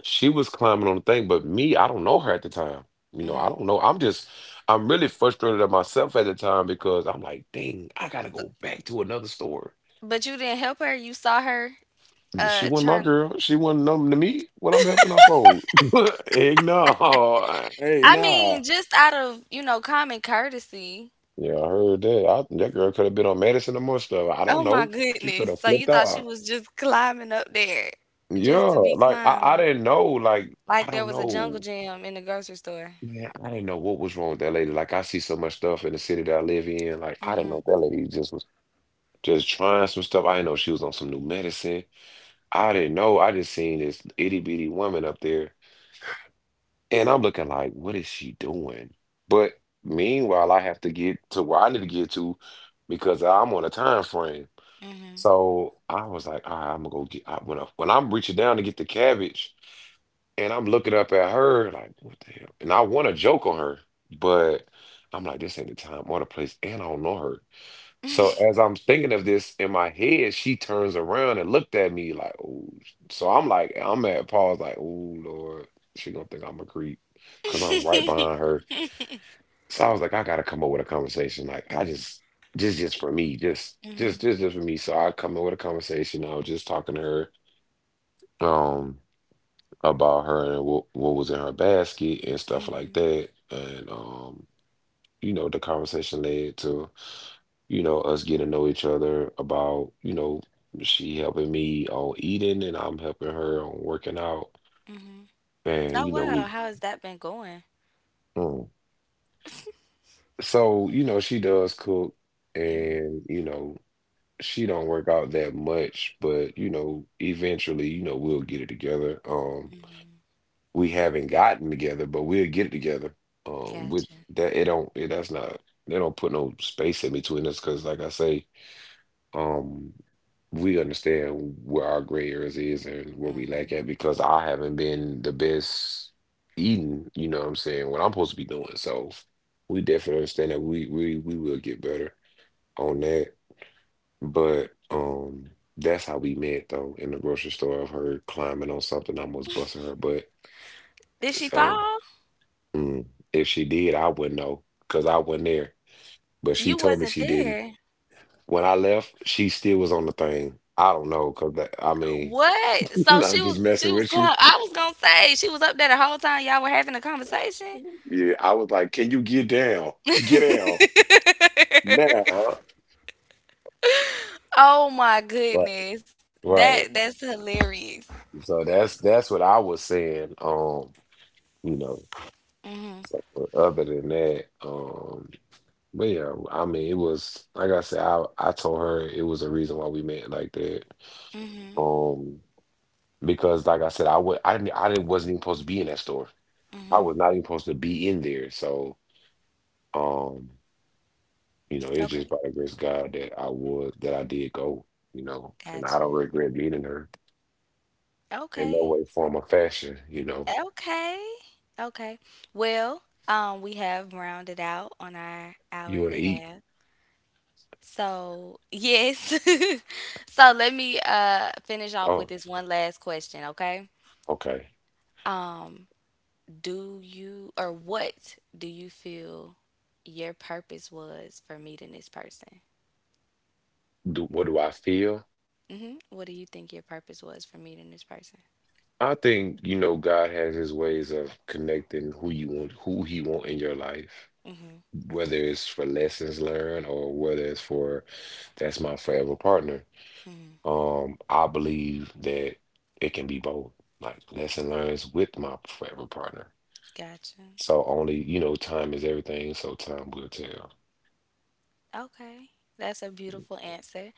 She was climbing on the thing, but me, I don't know her at the time. You know, I
mhm.
don't know. I'm just, I'm really frustrated at myself at the time because I'm like, dang, I gotta
So
go back to another store.
but you didn't help her, you saw her,
She
uh,
wasn't my
trying.
girl. She wasn't nothing to me. What I'm helping her fold. Egg no. Hey
I
nah.
mean, just out of, you know, common courtesy.
Yeah, I heard that. I, that girl could have been on medicine or more stuff. I
Oh
don't
my
know. She
goodness,
could have
so you
flipped
thought she
out.
was just climbing up there, just
Yeah.
to be
Like I, I
climbing,
didn't know. Like,
like
I
there
don't
was a jungle
know.
gym in the grocery store.
Man, I didn't know what was wrong with that lady. Like I see so much stuff in the city that I live in. Like I didn't
Mhm,
know that lady just was just trying some stuff. I didn't know she was on some new medicine. I didn't know. I just seen this itty bitty woman up there, and I'm looking like, what is she doing? But meanwhile, I have to get to where I need to get to because I'm on a time frame.
mhm.
So I was like, all right, I'm gonna go get I, when I, when I'm reaching down to get the cabbage and I'm looking up at her like, what the hell? And I want to joke on her, but I'm like, this ain't the time or the place, and I don't know her. So as I'm thinking of this in my head, she turns around and looked at me like, oh. So I'm like, I'm at pause like, oh Lord, she gonna think I'm a creep because I'm right
Mhm,
behind her. So I was like, I gotta come up with a conversation. Like I just just just for me, just just just just for me. So I come up with a conversation. I was just talking to her um about her and what what was in her basket and
mhm,
stuff like
mhm.
that. And um, You know, the conversation led to, you know, us getting to know each other about, you know, she helping me on eating and I'm helping her on working out. And,
Oh
you know, we
wow, how has that been going?
mm. So, you know, she does cook
Mhm.
and, you know, she don't work out that much, but you know, eventually, you know, we'll get it together. Um, we haven't gotten together, but we'll get it together. Um, which
Gotcha.
that it don't it, That's not they don't put no space in between us because, like I say, um, we understand where our gray areas is and where we lack
Mhm.
at because I haven't been the best eating, you know what I'm saying, what I'm supposed to be doing. So we definitely understand that we we we will get better on that. But um, That's how we met though in the grocery store of her climbing on something, almost busting her butt.
Did she
So
fall?
mm, if she did, I wouldn't know because I wasn't there. But she
You
told me
wasn't
she didn't.
there.
When I left, she still was on the thing. I don't know because I mean,
What? So
I'm
she
just
was she
messing
was
with you.
going I was gonna say she was up there the whole time y'all were having a conversation?
Yeah, I was like, can you get down? Get down now.
Oh my
Right,
goodness. That
right.
that's hilarious.
So that's that's what I was saying. Um, you know,
Mhm.
so, but other than that, um. But yeah, I mean, it was like I said, I I told her it was a reason why we met like that.
Mhm.
Um, because like I said, I would I didn't I didn't wasn't even supposed to be in that store. I
Mhm.
was not even supposed to be in there. So, um, you know, it's
Okay.
just by the grace of God that I would that I did go, you know, and I don't
Gotcha.
regret meeting her in no
Okay.
way, form, or fashion, you know.
Okay. Okay. Well, um, we have rounded out on our hour
You
and a
wanna eat?
half. So, yes. So, let me uh finish off with
Oh,
this one last question, okay?
okay.
Um, do you or what do you feel your purpose was for meeting this person?
Do, what do I feel?
Mhm. What do you think your purpose was for meeting this person?
I think, you know, God has his ways of connecting who you want, who he want in your life,
Mhm.
whether it's for lessons learned or whether it's for that's my forever partner.
Mhm.
Um, I believe that it can be both, like lesson learns with my forever partner.
Gotcha.
So only, you know, time is everything, so time will tell.
Okay. That's a beautiful answer.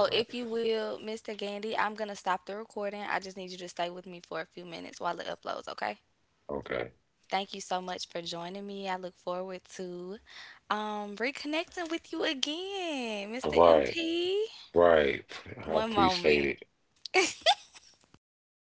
All
if
right.
you will, mister Gandy, I'm going to stop the recording. I just need you to stay with me for a few minutes while it uploads, okay?
Okay.
Thank you so much for joining me. I look forward to um, reconnecting with you again,
All
mister
right.
M P.
Right. I
One
appreciate
moment.
it.